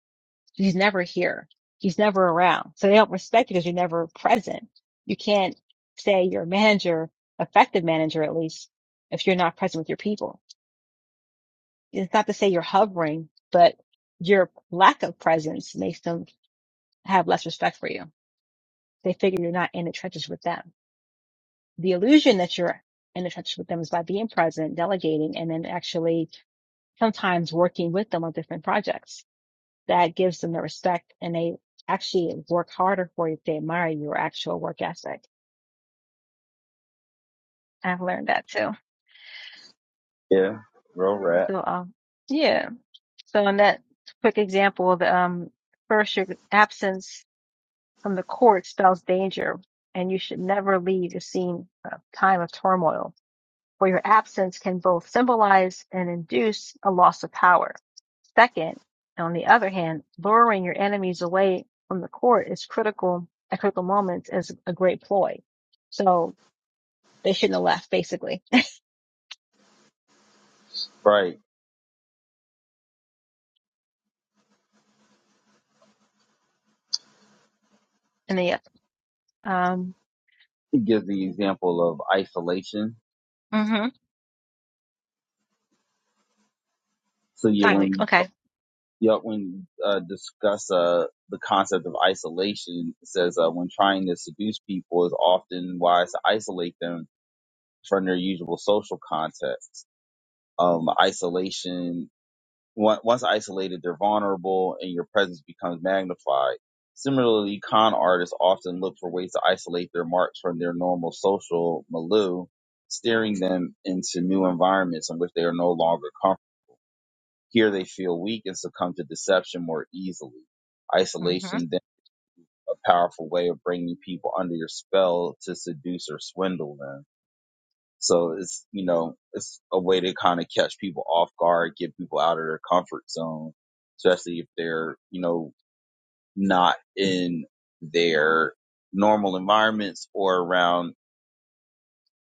A: He's never here. He's never around. So they don't respect you because you're never present. You can't say you're a manager, effective manager at least, if you're not present with your people. It's not to say you're hovering, but your lack of presence makes them have less respect for you. They figure you're not in the trenches with them. The illusion that you're in the trenches with them is by being present, delegating, and then actually sometimes working with them on different projects. That gives them the respect and they actually work harder for you if they admire your actual work ethic. I've learned that too.
B: Yeah, real rap.
A: So, um, yeah. So in that quick example, the, um, first your absence from the court spells danger and you should never leave a scene of time of turmoil For your absence can both symbolize and induce a loss of power Second, on the other hand, luring your enemies away from the court is critical at critical moments is a great ploy. So they shouldn't have left basically.
B: Right.
A: And they, um,
B: It gives the example of isolation.
A: hmm
B: So yeah, when
A: finally, okay.
B: yeah, when uh, discuss uh, the concept of isolation, it says uh, when trying to seduce people is often wise to isolate them from their usual social context um, isolation. Once isolated, they're vulnerable and your presence becomes magnified. Similarly, con artists often look for ways to isolate their marks from their normal social milieu, steering them into new environments in which they are no longer comfortable. Here they feel weak and succumb to deception more easily.
A: hmm
B: Isolation then a powerful way of bringing people under your spell to seduce or swindle them so it's, you know, it's a way to kind of catch people off guard, get people out of their comfort zone, especially if they're, you know, not in their normal environments or around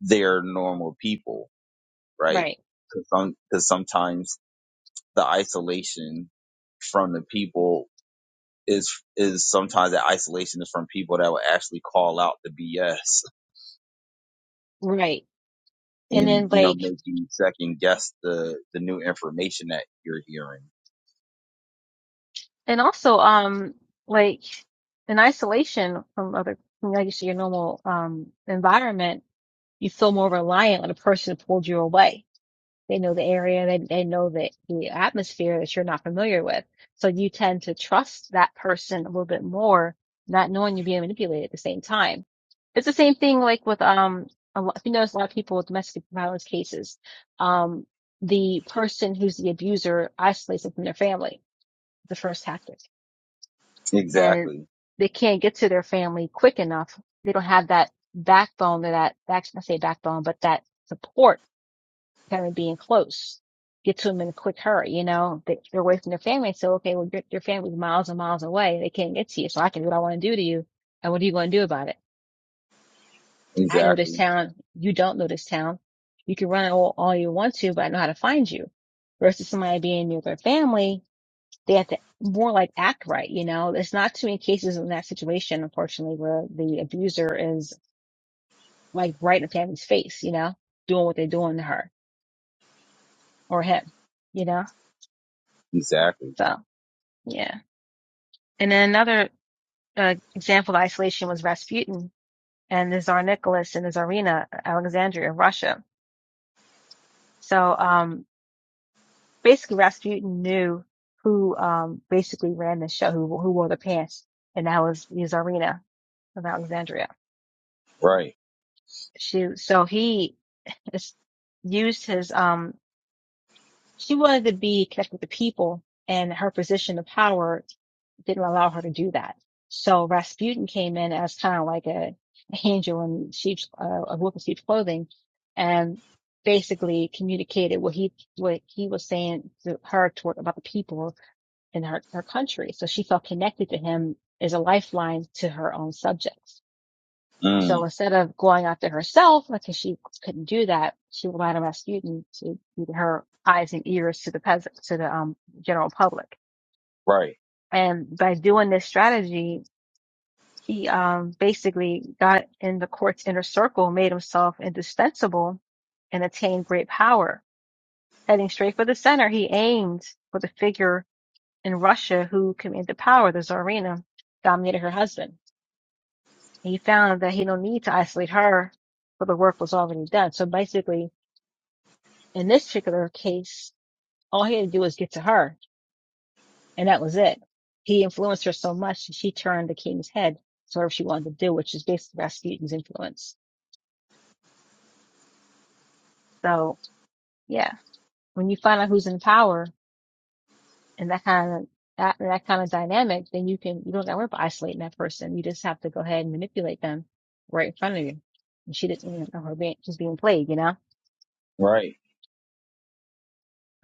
B: their normal people, right?
A: Right.
B: Cause, some, cause sometimes the isolation from the people is, is sometimes that isolation is from people that will actually call out the BS
A: Right. And
B: and,
A: then
B: you know,
A: like,
B: make you second guess the, the new information that you're hearing.
A: and also, um, like in isolation from other, like you say, your normal, um, environment, you feel more reliant on the person who pulled you away They know the area. They they know the the atmosphere that you're not familiar with. So you tend to trust that person a little bit more, not knowing you're being manipulated at the same time. It's the same thing like with um a lot, you notice a lot of people with domestic violence cases, um the person who's the abuser isolates them from their family, the first tactic, and
B: Exactly.
A: they can't get to their family quick enough. They don't have that backbone or that, actually I say backbone, but that support kind of being close, get to them in a quick hurry. You know, they, they're away from their family. So, okay, well, your, your family's miles and miles away. They can't get to you. So I can do what I want to do to you. And what are you going to do about it? I know this
B: Exactly.
A: town. You don't know this town. You can run all, all you want to, but I know how to find you versus somebody being near their family. They have to more like act right. You know, there's not too many cases in that situation, unfortunately, where the abuser is like right in the family's face, you know, doing what they're doing to her or him, you know?
B: Exactly.
A: So yeah. And then another uh, example of isolation was Rasputin and the Tsar Nicholas and the Tsarina, Alexandria, Russia. So um, basically, Rasputin knew who um, basically ran the show, who, who wore the pants, and that was the Tsarina of Alexandria.
B: Right.
A: She, so he used his um, She wanted to be connected with the people, and her position of power didn't allow her to do that. So Rasputin came in as kind of like a, a angel in sheep's, uh, a wolf in sheep's clothing, and basically communicated what he what he was saying to her toward about the people in her her country. So she felt connected to him as a lifeline to her own subjects. So
B: Mm,
A: instead of going after herself, because she couldn't do that, she relied on Rasputin to be her eyes and ears to the peasant, to the um, general public.
B: right.
A: And by doing this strategy, he um, basically got in the court's inner circle, made himself indispensable, and attained great power. Heading straight for the center, he aimed for the figure in Russia who commanded the power, the Tsarina, dominated her husband. He found that he no need to isolate her, for the work was already done. So basically, in this particular case, all he had to do was get to her, and that was it. He influenced her so much that she turned the king's head to whatever she wanted to do, which is basically Rasputin's influence. So yeah, when you find out who's in power and that kind of that, that kind of dynamic, then you can you don't got to worry about isolating that person. You just have to go ahead and manipulate them right in front of you. And she didn't even know her being she's being played, you know.
B: Right.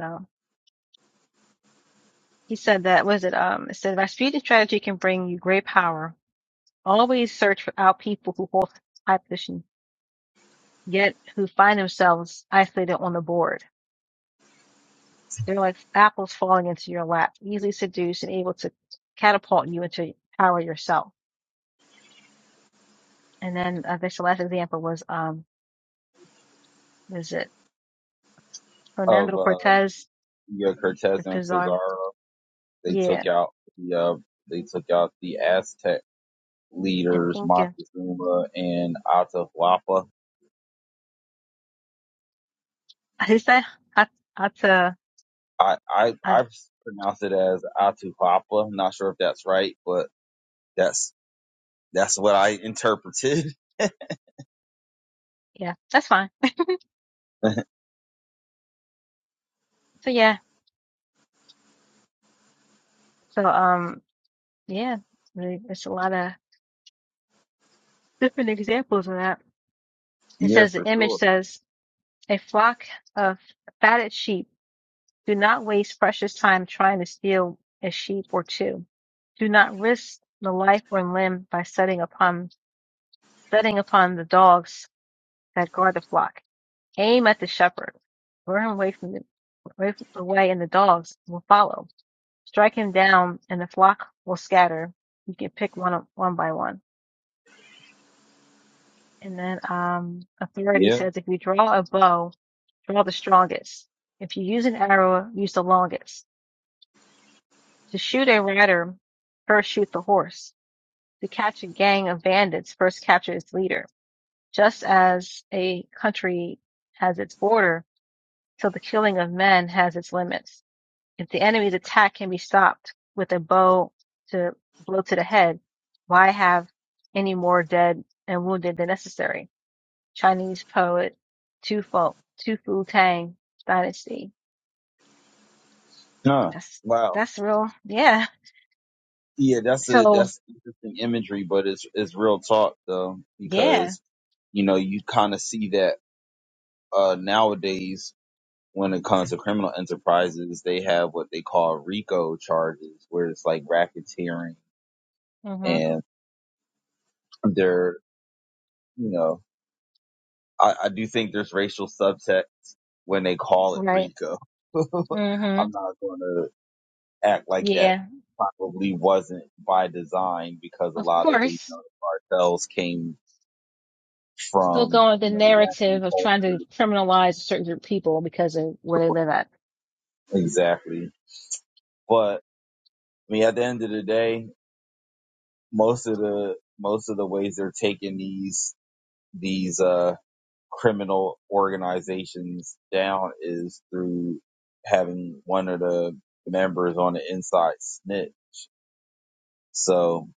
A: So he said that was it. Um, it said Rasputin's strategy can bring you great power Always search for- out people who hold high position, yet who find themselves isolated on the board. They're like apples falling into your lap, easily seduced and able to catapult you into power yourself. And then I think the last example was um was it
B: Of
A: Fernando
B: uh
A: Cortez
B: yeah, Cortez
A: and
B: and
A: Pizarro?
B: Pizarro, they
A: Yeah,
B: took out the uh they took out the Aztec
A: and
B: leaders
A: Inca.
B: Montezuma and Atahualpa.
A: Is that I that's uh
B: I I
A: I
B: I
A: don't
B: pronounce it as Atahualpa. Not sure if that's right, but that's that's what I interpreted.
A: yeah, that's fine. So yeah. So um yeah, really, there's a lot of different examples of that. It
B: yeah,
A: says the
B: for
A: image
B: sure.
A: says A flock of fatted sheep. Do not waste precious time trying to steal a sheep or two. Do not risk the life or limb by setting upon setting upon the dogs that guard the flock. Aim at the shepherd. Lure him away from the away away and the dogs will follow. Strike him down and the flock will scatter. You can pick one up- one by one. And then um authority
B: Yeah.
A: says if you draw a bow, draw the strongest. If you use an arrow, use the longest. To shoot a rider, first shoot the horse. To catch a gang of bandits, first capture its leader. Just as a country has its border, so the killing of men has its limits. If the enemy's attack can be stopped with a bow to blow to the head, why have any more dead and wounded than necessary? Chinese poet Tu Fu, Tu Fu Tang Dynasty.
B: Huh.
A: That's
B: Wow.
A: that's real. Yeah.
B: Yeah, that's a
A: So
B: that's interesting imagery, but it's it's real talk though,
A: yeah.
B: because you know you kind of see that uh, nowadays when it comes to criminal enterprises, they have what they call RICO charges, where it's like racketeering,
A: hmm
B: and they're you know I, I do think there's racial subtext when they call it
A: Right.
B: RICO.
A: hmm
B: I'm not going to act like that
A: Yeah,
B: probably wasn't by design because a
A: of
B: lot of the you
A: course.
B: know the cartels came
A: Still
B: from
A: going with the
B: you know Western
A: narrative of trying to
B: culture.
A: criminalize a certain group of people because of where they live at.
B: Exactly, but I mean, at the end of the day, most of the most of the ways they're taking these these uh criminal organizations down is through having one of the members on the inside snitch. So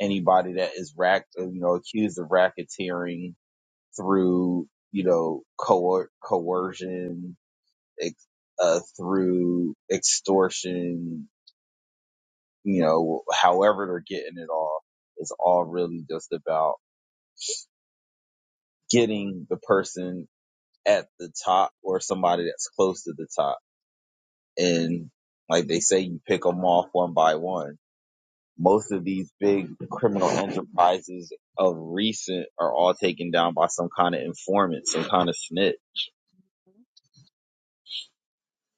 B: anybody that is rack, you know, accused of racketeering through you know coer- coercion, ex- uh, through extortion, you know, however they're getting it all, it's all really just about getting the person at the top or somebody that's close to the top. And like they say, you pick them off one by one. Most of these big criminal enterprises of recent are all taken down by some kind of informant, some kind of snitch.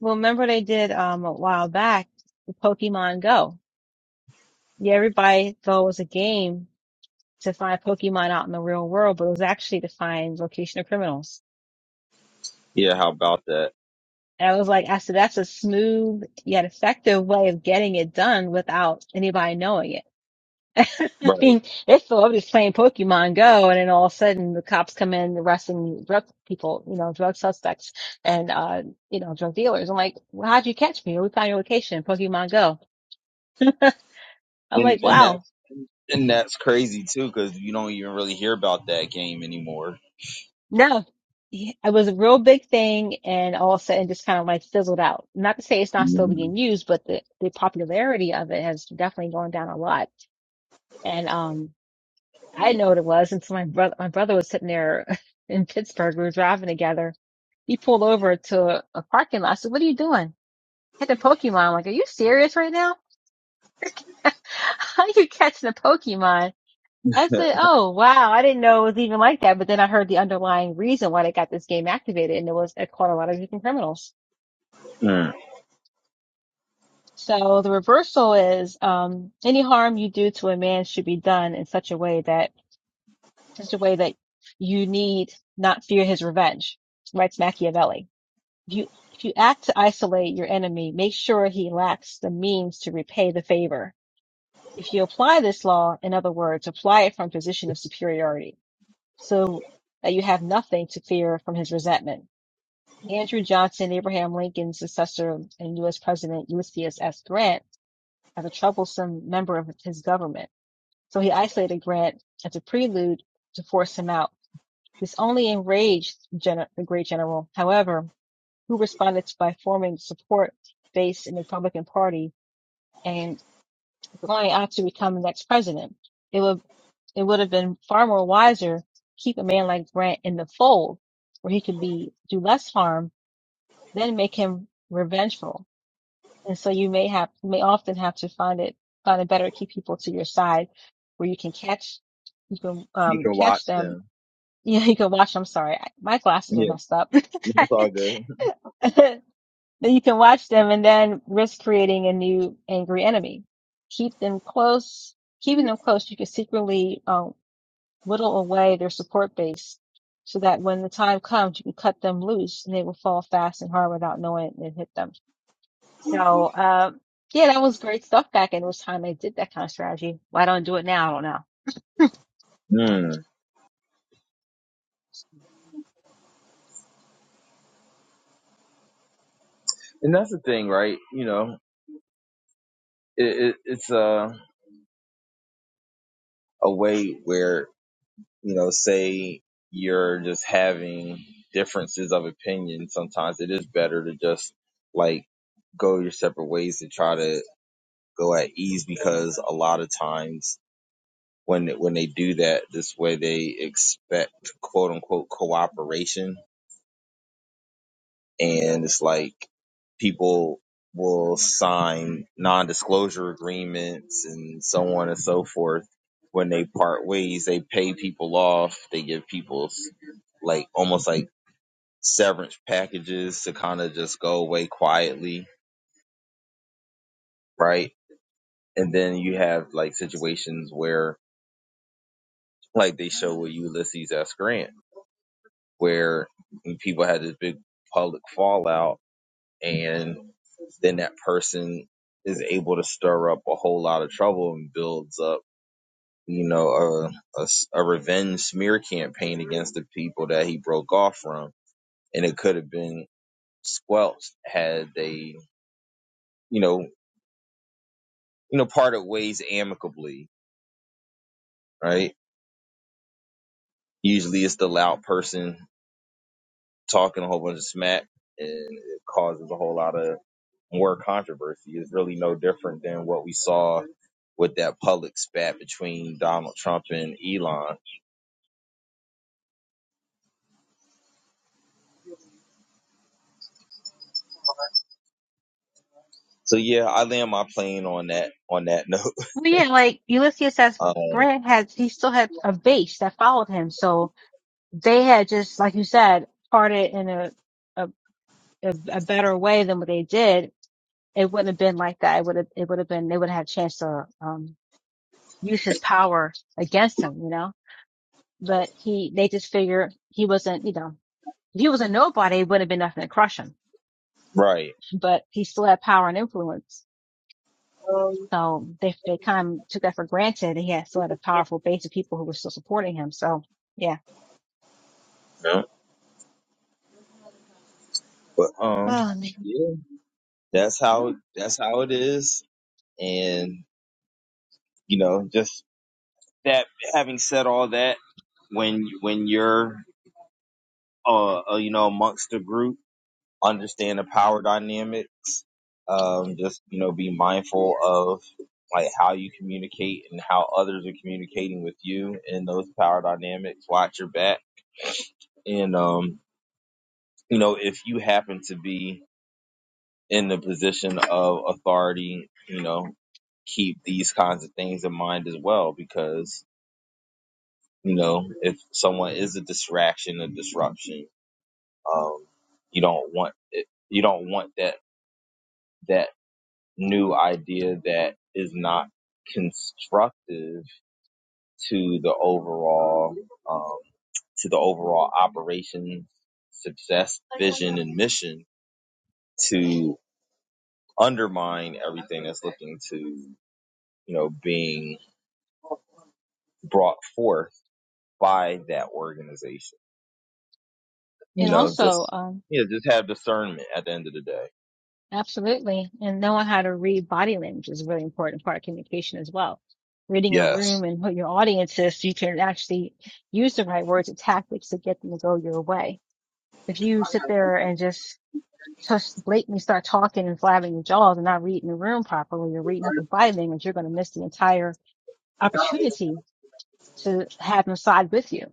A: Well, remember they did um a while back the Pokemon Go. Yeah, everybody thought it was a game to find Pokemon out in the real world, but it was actually to find location of criminals.
B: Yeah, how about that?
A: And I was like, I said, that's a smooth yet effective way of getting it done without anybody knowing it. I
B: Right.
A: mean, it's the i was just playing Pokemon Go, and then all of a sudden the cops come in arresting drug people, you know, drug suspects and uh, you know, drug dealers. I'm like, well, how'd you catch me? We found your location, Pokemon Go. I'm like,
B: And and
A: wow,
B: that's and that's crazy too, because you don't even really hear about that game anymore.
A: no, Yeah, it was a real big thing, and all of a sudden just kind of like fizzled out. Not to say it's not still
B: Mhm.
A: being used, but the the popularity of it has definitely gone down a lot. And um, I didn't know what it was, until my brother my brother was sitting there in Pittsburgh. We were driving together. He pulled over to a, parking lot. I said, What are you doing? I Had Catching Pokemon. I'm like, are you serious right now? How are you catching a Pokemon? I said, Oh wow, I didn't know it was even like that. But then I heard the underlying reason why they got this game activated and it was it caught a lot of different criminals.
B: Mm.
A: So the reversal is um any harm you do to a man should be done in such a way that such a way that you need not fear his revenge. Writes Machiavelli. If you, if you act to isolate your enemy, make sure he lacks the means to repay the favor. If you apply this law, in other words, apply it from a position of superiority so that you have nothing to fear from his resentment. Andrew Johnson, Abraham Lincoln's successor and U.S. President Ulysses S. Grant, as a troublesome member of his government. So he isolated Grant as a prelude to force him out. This only enraged the great general. However, who responded by forming support base in the Republican Party and going on to become the next president. It would it would have been far more wiser keep a man like Grant in the fold where he could be do less harm than make him revengeful. And so you may have you may often have to find it find it better to keep people to your side where you can catch you can
B: You
A: um
B: can watch
A: catch them
B: them.
A: yeah, you can watch. I'm sorry. My glasses
B: Yeah.
A: are messed up.
B: It's all good.
A: Then you can watch them and then risk creating a new angry enemy. Keep them close. Keeping them close, you can secretly um, whittle away their support base so that when the time comes, you can cut them loose and they will fall fast and hard without knowing it and hit them. So, um, yeah, that was great stuff back in those time. I did that kind of strategy. Why don't I do it now? I don't know.
B: Mm. And that's the thing, right? You know, it, it, it's a a way where you know, say you're just having differences of opinion. Sometimes it is better to just like go your separate ways and try to go at ease because a lot of times when when they do that this way, they expect quote unquote cooperation and it's like people will sign non-disclosure agreements and so on and so forth when they part ways they pay people off they give people s- like almost like severance packages to kind of just go away quietly right and then you have like situations where like they show with ulysses s grant where people had this big public fallout and then that person is able to stir up a whole lot of trouble and builds up, you know, a a a revenge smear campaign against the people that he broke off from. And it could have been squelched had they, you know, you know, parted ways amicably, right? Usually it's the loud person talking a whole bunch of smack and it causes a whole lot of more controversy. It's really no different than what we saw with that public spat between Donald Trump and Elon. So yeah, I land my plane on that on that note.
A: Well, yeah, like Ulysses S.
B: Um,
A: Grant had, he still had a base that followed him. So they had just, like you said, parted in a a, a, a better way than what they did, it wouldn't have been like that. It would have, it would have been, they would have had a chance to, um, use his power against him, you know, but he, they just figured he wasn't, you know, if he was a nobody, it wouldn't have been nothing to crush him,
B: right.
A: but he still had power and influence. So they, they kind of took that for granted. He had still had a powerful base of people who were still supporting him. So yeah.
B: Yeah. But um
A: Oh, man.
B: yeah, that's
A: Yeah.
B: how that's how it is. And you know, just that having said all that, when when you're uh, uh you know amongst a group understand the power dynamics. Um, just you know, be mindful of like how you communicate and how others are communicating with you in those power dynamics. Watch your back, and um, you know, if you happen to be in the position of authority, you know, keep these kinds of things in mind as well because you know if someone is a distraction a disruption um you don't want it, you don't want that that new idea that is not constructive to the overall um, to the overall operations success vision and mission to undermine everything that's looking to you know being brought forth by that organization
A: And
B: you know
A: also,
B: just
A: um,
B: yeah, you know just have discernment at the end of the day
A: Absolutely. And knowing how to read body language is a really important part of communication as well. Reading a
B: yes
A: room and who your audience is, so you can actually use the right words and tactics to get them to go your way. If you sit there and just just blatantly start talking and flapping your jaws and not reading the room properly or reading people's body language, you're going to miss the entire opportunity to have them side with you.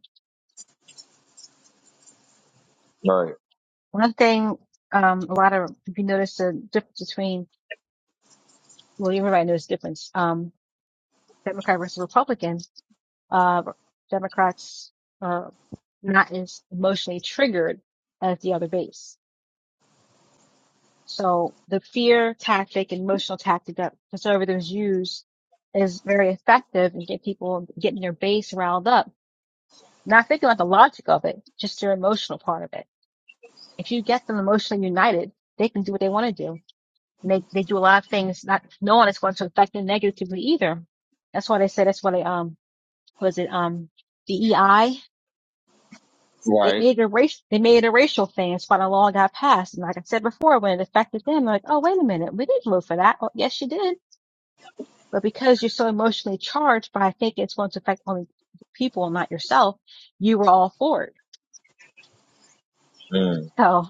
B: right
A: One thing, um, a lot of, if you notice the difference between, well, everybody knows the difference, um, Democrat versus Republican, uh, Democrats uh, not as emotionally triggered as the other base. So the fear tactic and emotional tactic that conservatives use is very effective in get people getting their base riled up. Not thinking about the logic of it, just their emotional part of it. If you get them emotionally united, they can do what they want to do. And they, they do a lot of things not knowing it's going to affect them negatively either. That's why they say that's why they um was it um DEI They
B: right
A: made it a race. They made it a racial thing. It's quite a long got passed. And like I said before, when it affected them, like, oh wait a minute, we didn't vote for that. Oh, yes, you did. But because you're so emotionally charged, but I think it's going to affect only people and not yourself, you were all for it.
B: mm.
A: So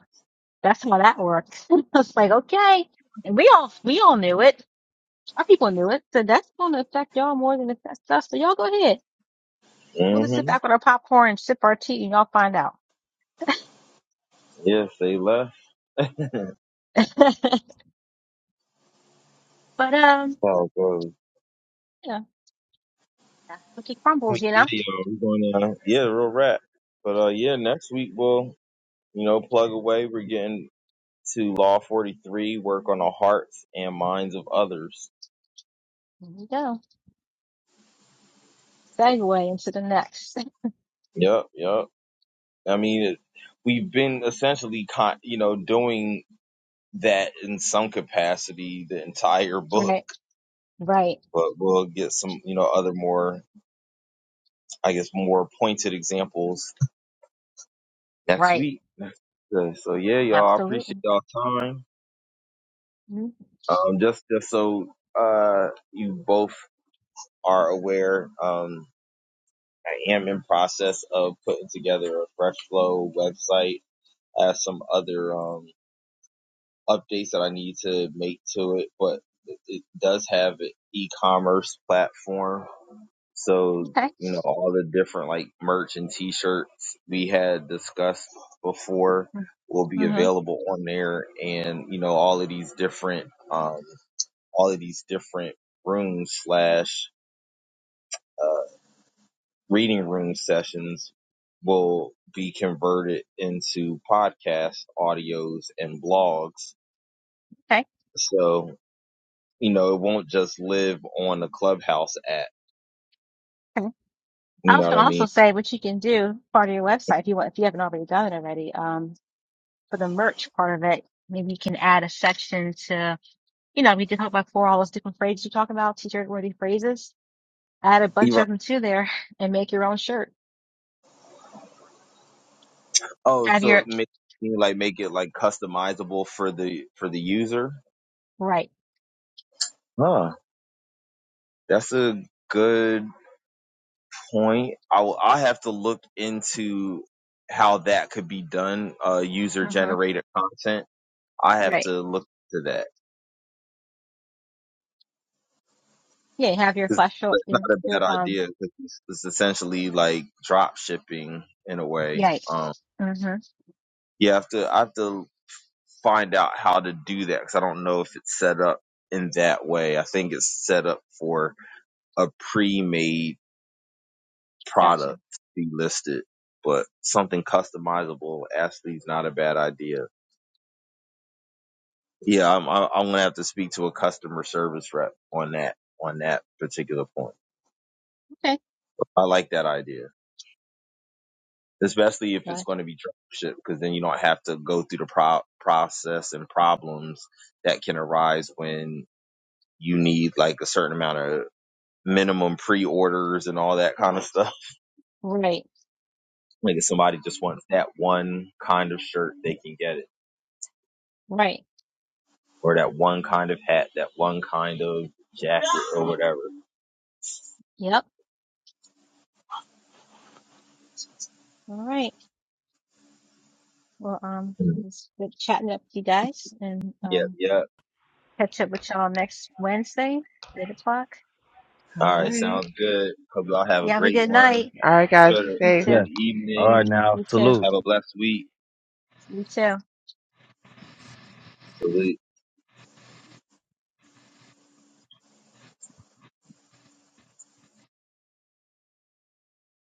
A: that's how that works. I was like, okay, and we all we all knew it. Our people knew it. So that's going to affect y'all more than it affects us. So y'all go ahead. We'll
B: Mm.
A: just sit back
B: hmm
A: with our popcorn and sip our tea, and y'all find out.
B: yes they left
A: but um,
B: how
A: yeah, that's cookie
B: We-
A: crumbles, you
B: Yeah,
A: know.
B: yo, we're going to yeah, real rap. But uh, yeah, next week we'll you know plug away. We're getting to Law Forty Three, work on the hearts and minds of others.
A: There you go. segue into the next.
B: Yep, yep. I mean, it, we've been essentially con- you know doing that in some capacity the entire book,
A: Right, right,
B: but we'll get some you know other more I guess more pointed examples next
A: right.
B: week. Next- uh, So yeah, y'all, I
A: Absolutely.
B: appreciate y'all time.
A: Mhm.
B: Um, just just so uh, you both are aware, um, I am in process of putting together a fresh flow website, as some other um, updates that I need to make to it, but it it does have an e-commerce platform, so
A: Okay.
B: you know all the different like merch and t-shirts we had discussed before will
A: Mm-hmm.
B: be available on there and you know all of these different um, all of these different rooms slash reading room sessions will be converted into podcast audios and blogs.
A: Okay.
B: So, you know, it won't just live on the clubhouse app.
A: Okay. I
B: You
A: was
B: know what
A: gonna
B: I mean?
A: also say what you can do part of your website if you want if you haven't already done it already. Um, for the merch part of it, maybe you can add a section to you know we did talk about four all those different phrases you talk about t-shirt worthy phrases. Add a
B: You're
A: bunch
B: right.
A: of them to there and make your own shirt.
B: Oh,
A: Have your
B: so make you like make it like customizable for the for the user?
A: right.
B: Huh. That's a good point. I will I have to look into how that could be done, uh user
A: Mm-hmm.
B: generated content I have
A: Right.
B: to look to that.
A: Yeah. Have your
B: 'Cause
A: flash
B: It's not
A: your
B: a
A: your
B: bad
A: um.
B: idea because it's, it's essentially like drop shipping in a way. Um,
A: Yikes. Mm-hmm.
B: you have to I have to find out how to do that because I don't know if it's set up in that way. I think it's set up for a pre-made
A: Gotcha.
B: product to be listed, but something customizable actually is not a bad idea. Yeah, I'm I'm I'm gonna have to speak to a customer service rep on that on that particular point.
A: Okay.
B: I like that idea. especially if it's going to be dropship, because then you don't have to go through the pro- process and problems that can arise when you need like a certain amount of minimum pre-orders and all that kind of stuff.
A: Right,
B: Like if somebody just wants that one kind of shirt, they can get it,
A: right.
B: or that one kind of hat, that one kind of jacket, or whatever.
A: Yep. All right. Well, um,
B: Mhm.
A: it was good chatting up with you guys and
B: Yep,
A: um
B: yep.
A: catch up with y'all next Wednesday, eight o'clock.
C: All
B: All right,
C: right.
B: sounds good. Hope y'all have
A: You
B: a
A: have a
B: great
A: good
B: one.
A: night.
C: All right, guys.
B: Good,
C: Be
A: You
C: safe.
A: too.
B: good evening.
A: You too.
B: Have a blessed week.
A: You too.
B: Salute.